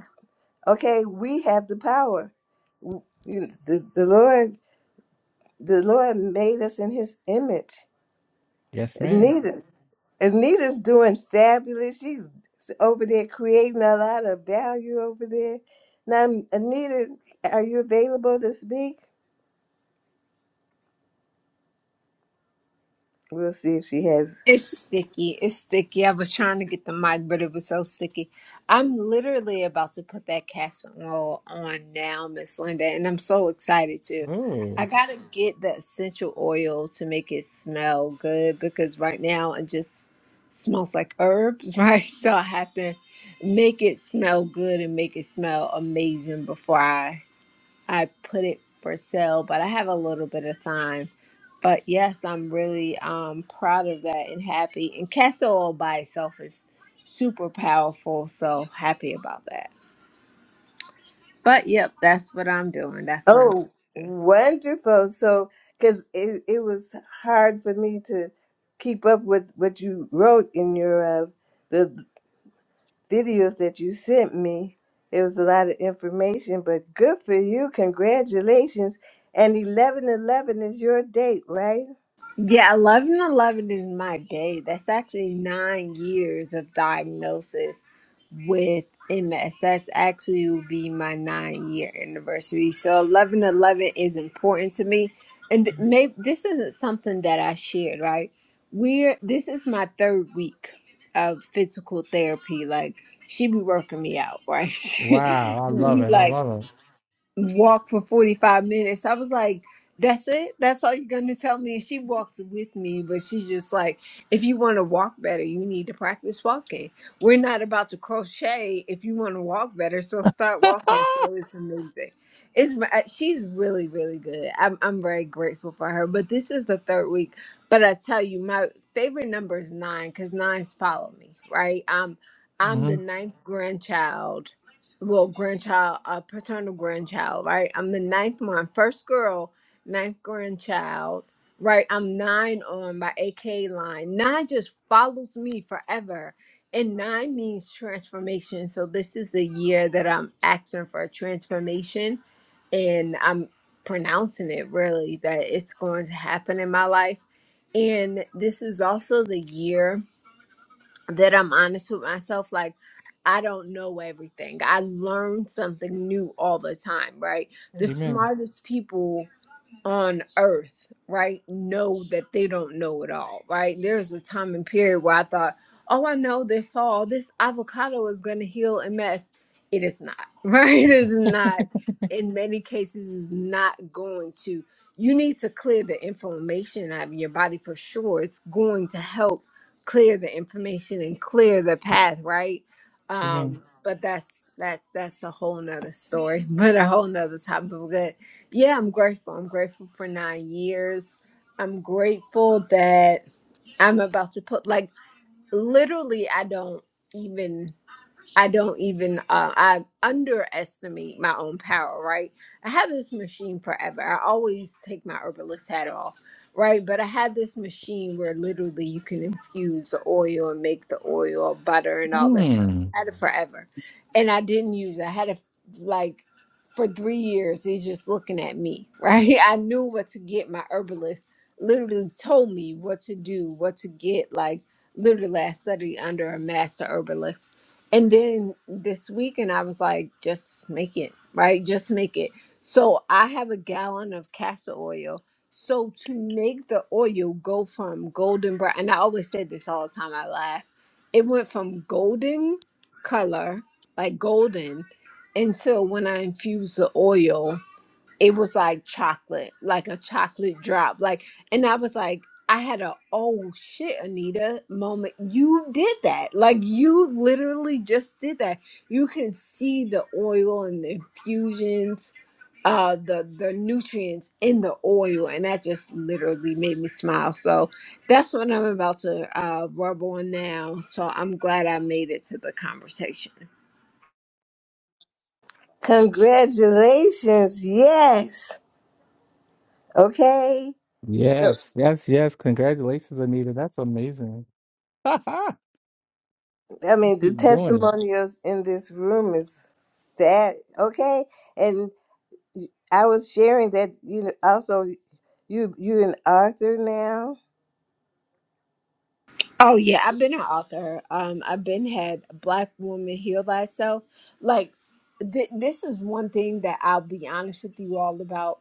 A: okay, we have the power. W- you- The, the Lord, the Lord made us in his image.
C: Yes, ma'am.
A: Anita, Anita's doing fabulous. She's over there creating a lot of value over there. Now, Anita, are you available to speak? We'll see if she has.
D: It's sticky. It's sticky. I was trying to get the mic, but it was so sticky. I'm literally about to put that castor oil on now, Miss Linda, and I'm so excited too. I
C: Oh,
D: gotta get the essential oil to make it smell good because right now it just smells like herbs, <laughs> right? So I have to make it smell good and make it smell amazing before I I put it for sale, but I have a little bit of time. But yes, I'm really um, proud of that and happy. And castor oil by itself is super powerful, so happy about that. But yep, that's what I'm doing. That's what I'm
A: Oh,
D: doing.
A: wonderful. So, because it, it was hard for me to keep up with what you wrote in your uh, the videos that you sent me. It was a lot of information, but good for you. Congratulations. And eleven eleven is your date, right?
D: Yeah, 11 11 is my day. That's actually nine years of diagnosis with MS. That's actually will be my nine year anniversary. So 11 11 is important to me. And maybe this isn't something that I shared, right? We're this is my third week of physical therapy. Like she be working me out, right? <laughs> she
C: wow. I love
D: be
C: it. I
D: like,
C: love
D: walk for 45 minutes. I was like, that's it? That's all you're going to tell me? And she walked with me, but she's just like, if you want to walk better, you need to practice walking. We're not about to crochet. If you want to walk better, so start
C: it.
D: walking. So
C: <laughs>
D: it's amazing. It's uh, She's really, really good. I'm, I'm very grateful for her. But this is the third week. But I tell you, my favorite number is nine because nines follow me, right? I'm, I'm
C: hmm
D: the ninth grandchild well grandchild a paternal grandchild right i'm the ninth one first girl ninth grandchild right i'm nine on my ak line nine just follows me forever and nine means transformation so this is the year that i'm asking for a transformation and i'm pronouncing it really that it's going to happen in my life and this is also the year that I'm honest with myself. Like, I don't know everything. I learn something new all the time, right? The
C: Amen.
D: smartest people on earth, right, know that they don't know it all, right? There's a time and period where I thought, oh, I know this all. This avocado is going to heal MS; It is not, <laughs> right? It is not. In many cases, is not going to. You need to clear the inflammation out of your body for sure. It's going to help clear the inflammation and clear the path, right?
C: Amen.
D: Um, but that's that that's a whole nother story, <laughs> but a whole nother topic yeah, I'm grateful. I'm grateful for nine years. I'm grateful that I'm about to put, like, literally, I don't even. I don't even uh, I underestimate my own power, right? I had this machine forever. I always take my herbalist hat off, right? But I had this machine where literally you can infuse the oil and make the oil, butter, and all that stuff.
C: Mm.
D: I had it forever, and I didn't use. it. I had it like for three years. He's just looking at me, right? <laughs> I knew what to get. My herbalist literally told me what to do, what to get, like literally I studied under a master herbalist and then this weekend, I was like, just make it, right? Just make it. So I have a gallon of castor oil. So to make the oil go from golden brown, and I always said this all the time, I laugh. It went from golden color, like golden, until when I infused the oil it was like chocolate, like a chocolate drop. Like, and I was like, I had a oh shit, Anita moment. You did that. Like, you literally just did that. You can see the oil and the infusions, uh, the the nutrients in the oil, and that just literally made me smile. So that's what I'm about to uh, rub on now. So I'm glad I made it to the conversation.
A: Congratulations. Yes. Okay. So,
C: Yes. Yes. Yes. Congratulations, Anita. That's amazing. <laughs> you
A: I mean, the
C: keep doing
A: testimonials in this room is that. Okay. I was sharing that you know, also you you an author now.
D: Oh yeah, I've been an author. Um, I've been had Black Woman Heal Thyself. Like, th- this is one thing that I'll be honest with you all about.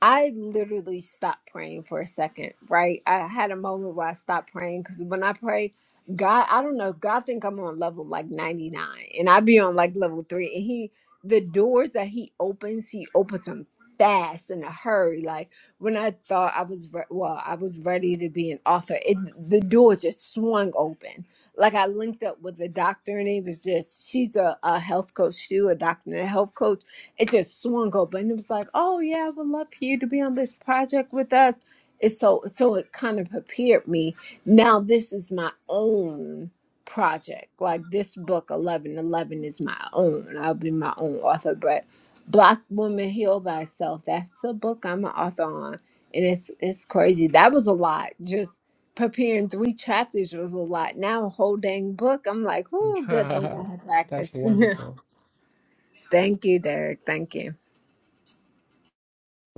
D: I literally stopped praying for a second, right? I had a moment where I stopped praying because when I pray, God, I don't know, God think I'm on level like 99 and I be on like level three. And he the doors that he opens, he opens them fast in a hurry. Like when I thought I was re- well, I was ready to be an author, it the door just swung open. Like I linked up with a doctor and it was just she's a, a health coach too, a doctor and a health coach it just swung open. And it was like, oh yeah, I would love for you to be on this project with us. It's so so it kind of prepared me. Now this is my own project. Like this book, Eleven Eleven, is my own. I'll be my own author. But Black Woman Heal Thyself. That's a book I'm an author on, and it's it's crazy. That was a lot. Just preparing three chapters was a lot. Now a whole dang book. I'm like, oh, good thing
C: it.
D: I had
C: <laughs> That's
D: practice.
C: wonderful.
D: <laughs> Thank you, Derek. Thank you.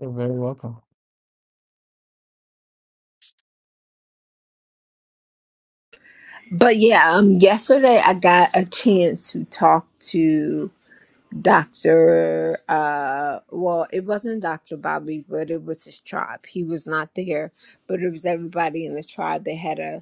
C: You're very welcome.
D: But yeah, um, yesterday I got a chance to talk to Dr. Uh, well, it wasn't Dr. Bobby, but it was his tribe. He was not there, but it was everybody in the tribe. They had a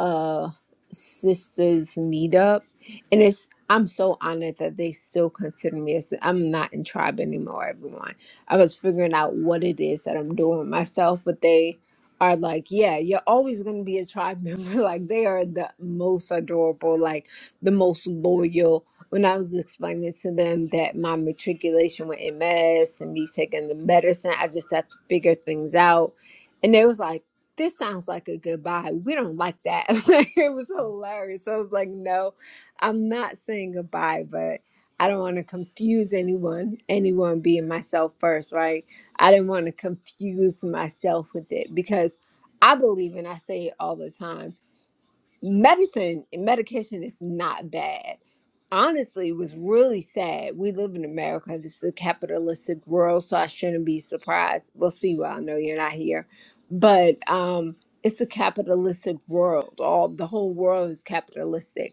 D: uh sisters meetup and it's i'm so honored that they still consider me as i'm not in tribe anymore everyone i was figuring out what it is that i'm doing myself but they are like yeah you're always going to be a tribe member <laughs> like they are the most adorable like the most loyal when i was explaining to them that my matriculation with ms and me taking the medicine i just have to figure things out and they was like this sounds like a goodbye. We don't like that. <laughs> Like, it was hilarious. I was like, no, I'm not saying goodbye, but I don't want to confuse anyone, anyone being myself first, right? I didn't want to confuse myself with it because I believe, and I say it all the time medicine medication is not bad honestly it was really sad we live in america this is a capitalistic world so i shouldn't be surprised we'll see well i know you're not here but um it's a capitalistic world all the whole world is capitalistic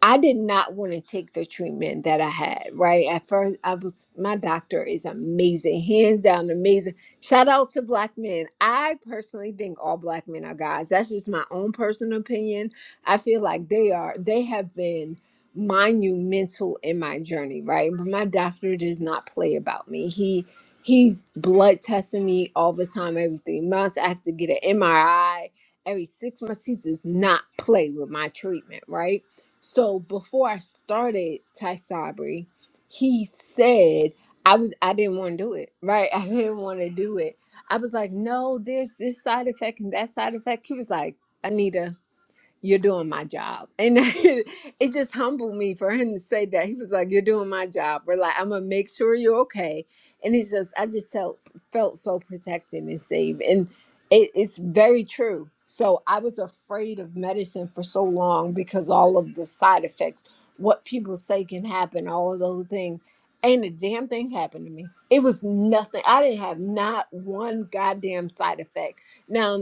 D: I did not want to take the treatment that I had, right? At first, I was, my doctor is amazing, hands down amazing. Shout out to black men. I personally think all black men are guys. That's just my own personal opinion. I feel like they are, they have been monumental in my journey, right? But my doctor does not play about me. He, he's blood testing me all the time, every three months. I have to get an MRI every six months. He does not play with my treatment, right? So before I started Ty Sabri, he said I was I didn't want to do it. Right? <laughs> I didn't want to do it. I was like, no, there's this side effect and that side effect. He was like, Anita you're doing my job. And <laughs> it, just humbled me for him to say that. He was like, You're doing my job. We're like, I'm gonna make sure you're okay. And it's just I just felt felt so protected and safe. And it, it's very true. So I was afraid of medicine for so long because all of the side effects, what people say can happen, all of those things. Ain't a damn thing happened to me. It was nothing. I didn't have not one goddamn side effect. Now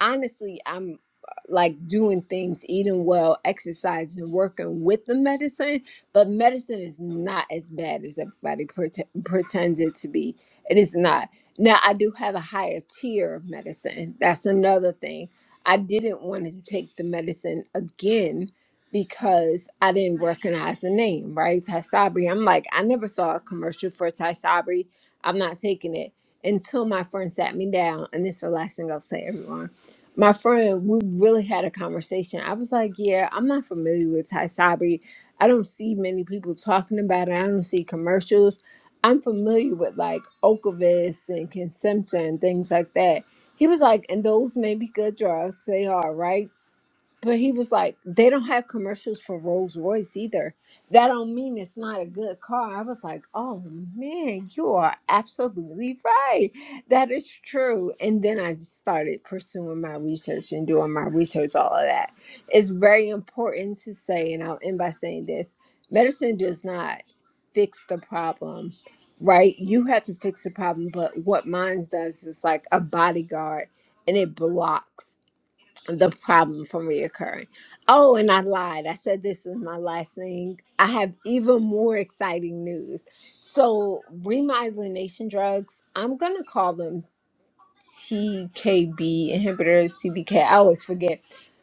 D: honestly, I'm uh, like doing things, eating well, exercising, working with the medicine, but medicine is not as bad as everybody prete- pretends it to be. It is not. Now, I do have a higher tier of medicine. That's another thing. I didn't want to take the medicine again because I didn't recognize the name, right? Tysabri. I'm like, I never saw a commercial for Tysabri. I'm not taking it until my friend sat me down. And this is the last thing I'll say, everyone my friend, we really had a conversation. I was like, Yeah, I'm not familiar with Thai I don't see many people talking about it. I don't see commercials. I'm familiar with like Okavis and consumption and things like that. He was like, And those may be good drugs. They are, right? But he was like, they don't have commercials for Rolls Royce either. That don't mean it's not a good car. I was like, oh man, you are absolutely right. That is true. And then I started pursuing my research and doing my research, all of that. It's very important to say, and I'll end by saying this medicine does not fix the problem, right? You have to fix the problem, but what mine does is like a bodyguard and it blocks the problem from reoccurring. Oh, and I lied. I said this was my last thing. I have even more exciting news. So, remyelination drugs, I'm going to call them TKB inhibitors, TBK. I always forget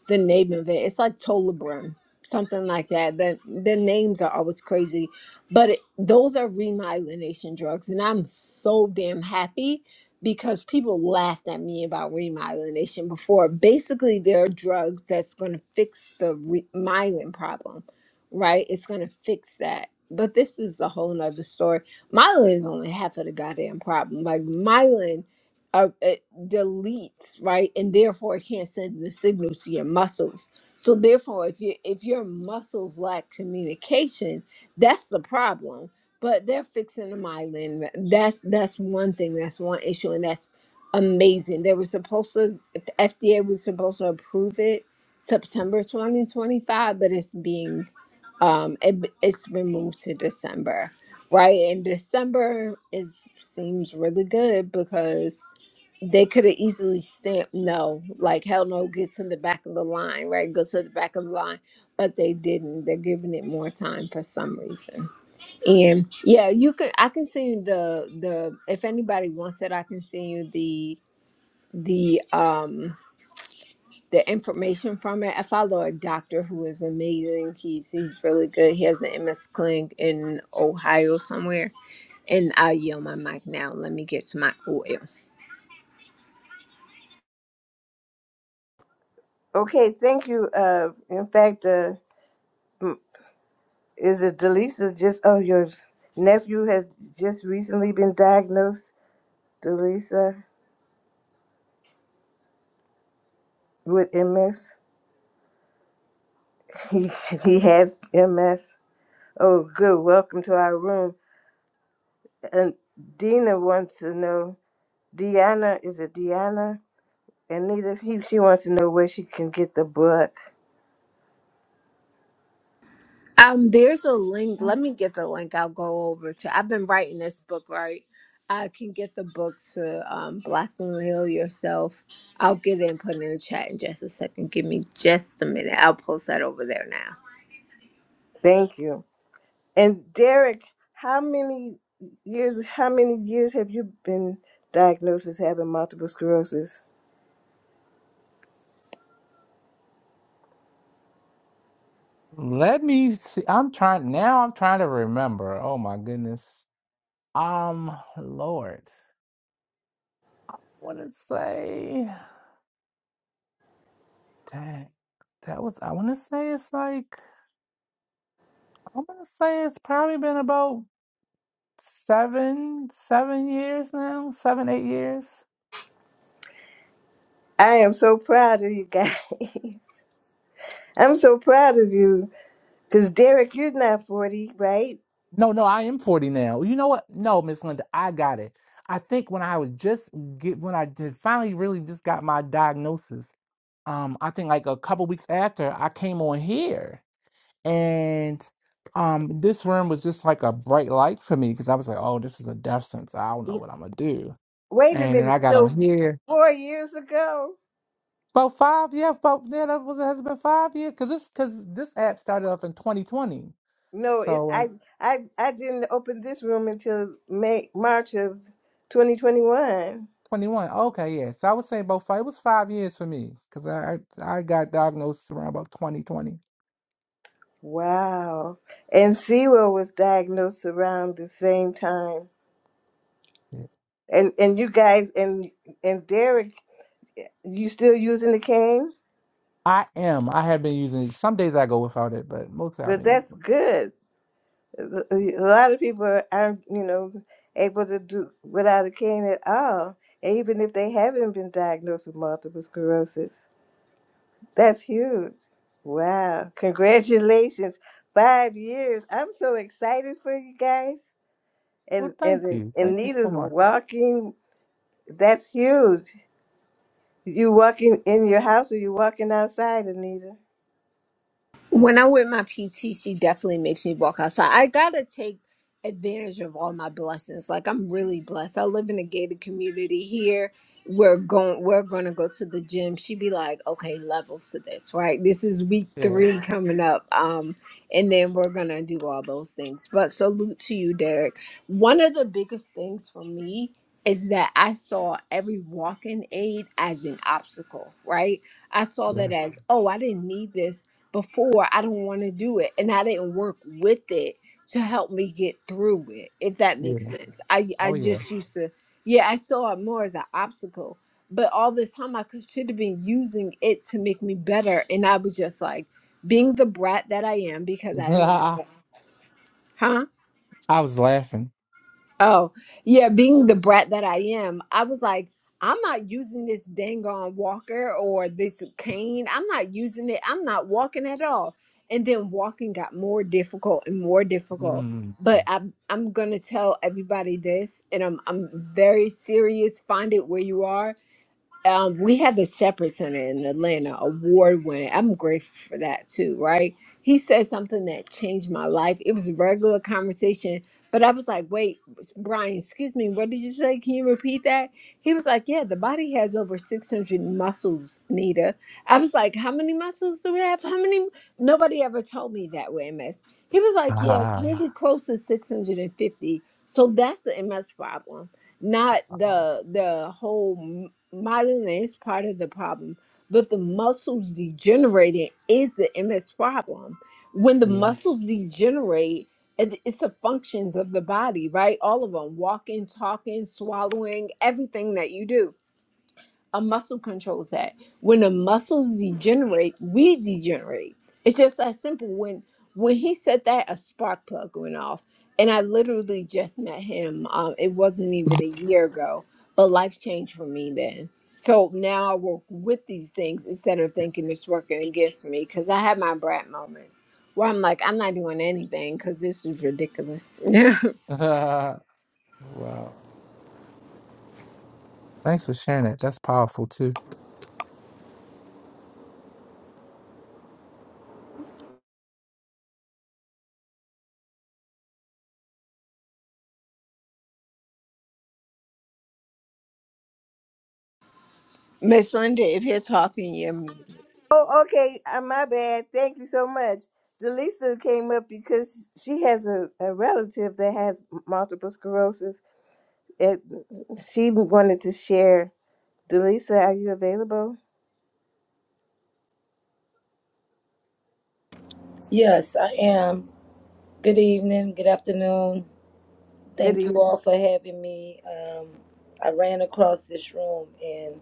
D: the name of it. It's like Tolibrim, something like that. The the names are always crazy, but it, those are remyelination drugs, and I'm so damn happy because people laughed at me about remyelination before. Basically, there are drugs that's going to fix the re- myelin problem, right? It's going to fix that. But this is a whole nother story. Myelin is only half of the goddamn problem. Like myelin uh, it deletes right and therefore it can't send the signal to your muscles so therefore if you if your muscles lack communication that's the problem but they're fixing the myelin that's that's one thing that's one issue and that's amazing they were supposed to the fda was supposed to approve it september 2025 but it's being um it, it's been moved to december right and december is seems really good because they could have easily stamped no, like hell no gets in the back of the line, right? Goes to the back of the line, but they didn't. They're giving it more time for some reason. And yeah, you can. I can send you the the if anybody wants it, I can send you the the um the information from it. I follow a doctor who is amazing. He's he's really good. He has an MS clinic in Ohio somewhere. And I'll yield my mic now. Let me get to my oil.
A: Okay, thank you. Uh, in fact, uh, m- is it Delisa? Just oh, your nephew has just recently been diagnosed, Delisa, with MS. <laughs> He he has MS. Oh, good. Welcome to our room. And Dina wants to know. Deanna, is it Deanna? Anita, he, she wants to know where she can get the book.
D: Um, there's a link. Let me get the link. I'll go over to. I've been writing this book, right? I can get the book to um, Black Women Heal Yourself. I'll get it and put it in the chat in just a second. Give me just a minute. I'll post that over there now.
A: Thank you. And Derek, how many years how many years have you been diagnosed as having multiple sclerosis?
C: Let me see. I'm trying now. I'm trying to remember. Oh my goodness. Um, Lord, I want to say, dang, that was, I want to say it's like, I'm going to say it's probably been about seven, seven years now, seven, eight years.
A: I am so proud of you guys. <laughs> I'm so proud of you. Cause Derek, you're not forty, right?
C: No, no, I am 40 now. You know what? No, Miss Linda, I got it. I think when I was just get, when I did finally really just got my diagnosis, um, I think like a couple weeks after I came on here. And um, this room was just like a bright light for me because I was like, oh, this is a death sentence. I don't know what I'm gonna do.
A: Wait a
C: And then
A: minute.
C: I got on
A: So
C: here
A: four years ago?
C: about five, yeah, about yeah, that was has it been five years because this because this app started up in 2020,
A: No, it
C: so
A: I
C: in
A: I I didn't open this room until May March of twenty twenty one.
C: 21. Okay, yeah. So I was saying about five. It was five years for me because I I I got diagnosed around about 2020.
A: Wow. And Sewell was diagnosed around the same time.
C: Yeah.
A: And and you guys and and Derek, you still using the cane?
C: I am. I have been using it. Some days I go without it, but most I've
A: But
C: been using
A: that's
C: it.
A: good. A lot of people aren't, you know, able to do without a cane at all, even if they haven't been diagnosed with multiple sclerosis. That's huge. Wow. Congratulations. Five years. I'm so excited for you guys.
C: Well,
A: And
C: thank
A: and
C: you.
A: and
C: Thank you so
A: Nita's
C: much.
A: walking. That's huge. You walking in your house or you walking outside, Anita?
D: When I wear my PT, she definitely makes me walk outside. I gotta take advantage of all my blessings. Like I'm really blessed. I live in a gated community here. We're going we're gonna go to the gym. she be like, okay, levels to this, right? This is week
C: Yeah.
D: three coming up. Um, and then we're gonna do all those things. But salute to you, Derek. One of the biggest things for me is that I saw every walking aid as an obstacle, right? I saw that
C: Yeah.
D: as, oh, I didn't need this before I don't want to do it and I didn't work with it to help me get through it if that
C: Yeah.
D: makes sense. I I
C: Oh, yeah.
D: just used to yeah, I saw it more as an obstacle. But all this time I could should have been using it to make me better and I was just like being the brat that I am because
C: <laughs>
D: I am a
C: I
D: brat.
C: was laughing.
D: Oh, yeah, being the brat that I am, I was like, I'm not using this dang on walker or this cane. I'm not using it. I'm not walking at all. And then walking got more difficult and more difficult.
C: Mm.
D: But I'm I'm gonna tell everybody this, and I'm I'm very serious. Find it where you are um, we had the Shepherd Center in Atlanta, award winning. I'm grateful for that too, right? He said something that changed my life. It was a regular conversation, but I was like, wait, Brian, excuse me, what did you say? Can you repeat that? He was like, yeah, the body has over 600 muscles, Nita. I was like, how many muscles do we have? How many? Nobody ever told me that with MS. He was like, yeah,
C: Ah,
D: really close to 650. So that's the MS problem not
C: oh,
D: the the whole modeling is part of the problem, but the muscles degenerating is the MS problem. When the
C: yeah.
D: muscles degenerate, it- it's the functions of the body, right? All of them walking, talking, swallowing, everything that you do a muscle controls that. When the muscles degenerate, we degenerate. It's just that simple. When when he said that, a spark plug went off, and I literally just met him. Um, it wasn't even a year ago, but life changed for me then. So now I work with these things instead of thinking it's working against me because I have my brat moments where I'm like, I'm not doing anything because this is ridiculous.
C: <laughs> wow. Thanks for sharing that. That's powerful too.
D: <laughs> Miss Linda, if you're talking, you're muted.
A: Oh, okay. Uh, my bad. Thank you so much. Delisa came up because she has a, a relative that has multiple sclerosis. It, she wanted to share. Delisa, are you available?
E: Yes, I am. Good evening, good afternoon.
A: Good
E: Thank you
A: evening.
E: all for having me. Um, I ran across this room, and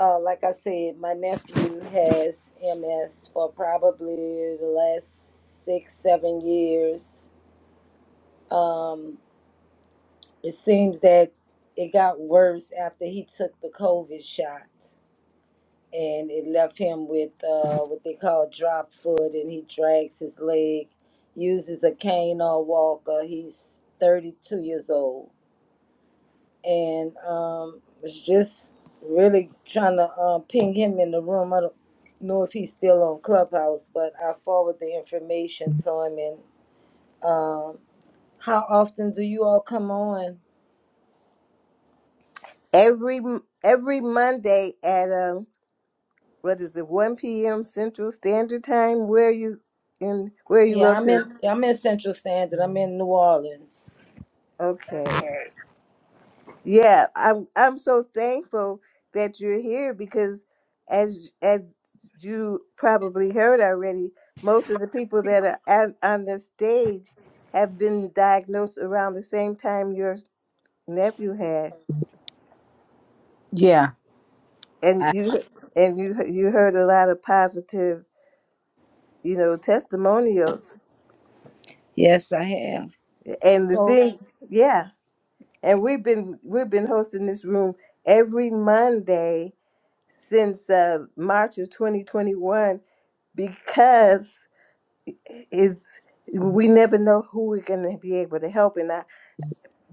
E: uh, like I said, my nephew has MS for probably the last six, seven years. Um, it seems that it got worse after he took the COVID shot. and it left him with uh, what they call drop foot, and he drags his leg, uses a cane or walker. He's 32 years old, and um, was just really trying to uh, ping him in the room. I don't know if he's still on Clubhouse, but I forward the information to him. And um, how often do you all come on?
A: Every every Monday at um, what is it, one p.m. Central Standard Time? Where are you in? Where are you
E: Yeah, I'm in.
A: located?
E: I'm in Central Standard. I'm in New Orleans.
A: Okay. Yeah, I'm I'm so thankful that you're here because as as you probably heard already, most of the people that are at, on the stage have been diagnosed around the same time your nephew had.
E: Yeah,
A: And
E: I,
A: you and you you heard a lot of positive, you know, testimonials.
E: yes, I have.
A: And the
E: So
A: thing, yeah. And we've been we've been hosting this room every Monday since uh, March of 2021 because it's we never know who we're going to be able to help and I,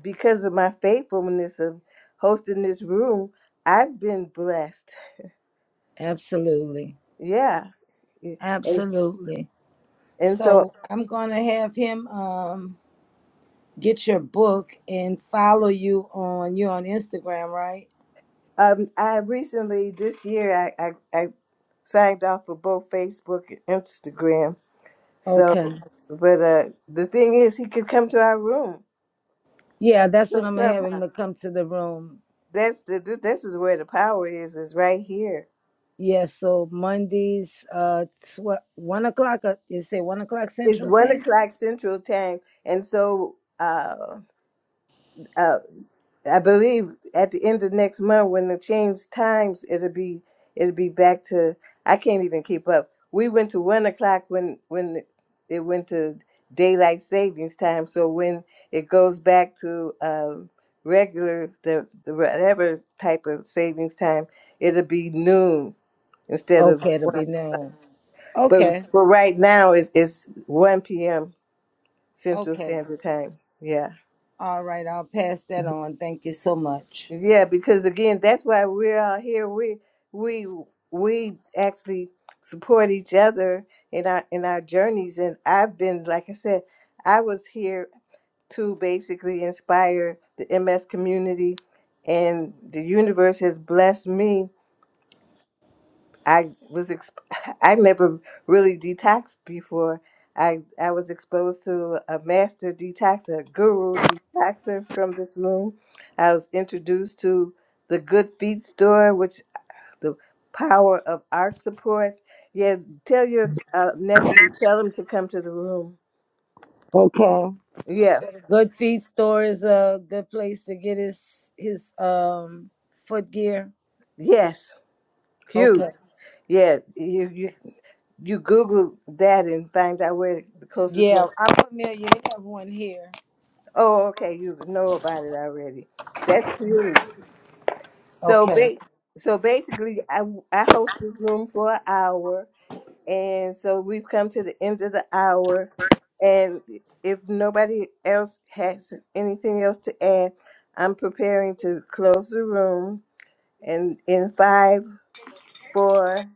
A: because of my faithfulness of hosting this room i've been blessed
E: Absolutely.
A: yeah Yeah. and,
E: Absolutely.
A: and so
E: So I'm going to have him um, get your book and follow you on you on Instagram, right?
A: um, i recently this year I, I, I signed off for both facebook and instagram so
E: Okay.
A: but uh, the thing is he could come to our room
E: Yeah, that's
A: to
E: what I'm going to have him to
A: Clubhouse.
E: come to the room.
A: that's the this is where the power is is right here
E: Yeah, so Mondays, uh, tw- 1 o'clock, uh, you say 1 o'clock
A: It's
E: Central
A: one
E: Standard?
A: o'clock Central Time, and so uh, uh, I believe at the end of next month, when they change times, it'll be it'll be back to. I can't even keep up. We went to one o'clock when when it went to daylight savings time. So when it goes back to um, regular the, the whatever type of savings time, it'll be noon instead of
E: Okay, it'll
A: one.
E: be noon. Okay.
A: But for right now, it's it's one p.m. Central
E: Okay.
A: Standard Time. Yeah.
E: All right. I'll pass that on. Thank you so much.
A: Yeah, because again, that's why we're all here. We we we actually support each other in our in our journeys. And I've been, like I said, I was here to basically inspire the MS community, and the universe has blessed me I was exp- <laughs> I never really detoxed before. I I was exposed to a master detoxer, a guru detoxer from this room. I was introduced to the Good Feet store, which the power of art support. Yeah, tell your uh, nephew, tell him to come to the room.
E: Okay.
A: Yeah,
E: Good feet store is a good place to get his his um footgear.
A: yes, huge.
E: Okay.
A: Yeah, you you you Google that and find out where the closest
E: Yeah,
A: one.
E: I'm familiar. They have one here.
A: Oh, okay. You know about it already. That's huge. So,
E: Okay.
A: ba- so basically, I I host this room for an hour, and so we've come to the end of the hour. And if nobody else has anything else to add, I'm preparing to close the room. And in five, four,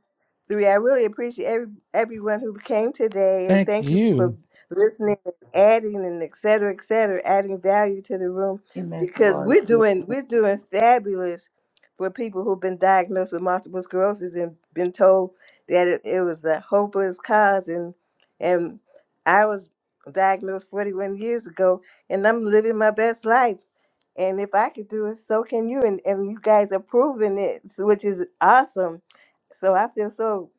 A: three. I really appreciate every, everyone who came today and
C: Thank
A: thank you for
C: you.
A: listening and adding and et cetera, et cetera, adding value to the room
E: MS
A: because we're
E: Warriors.
A: doing we're doing fabulous for people who've been diagnosed with multiple sclerosis and been told that it, it was a hopeless cause and and I was diagnosed 41 years ago and I'm living my best life and if I could do it, so can you. And, and you guys are proving it, s- which is awesome. So I feel so,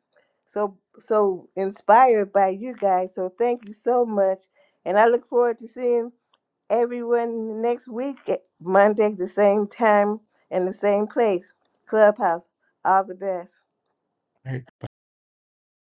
A: so, so inspired by you guys. So thank you so much. And I look forward to seeing everyone next week, at Monday, the same time and the same place, Clubhouse. All the best.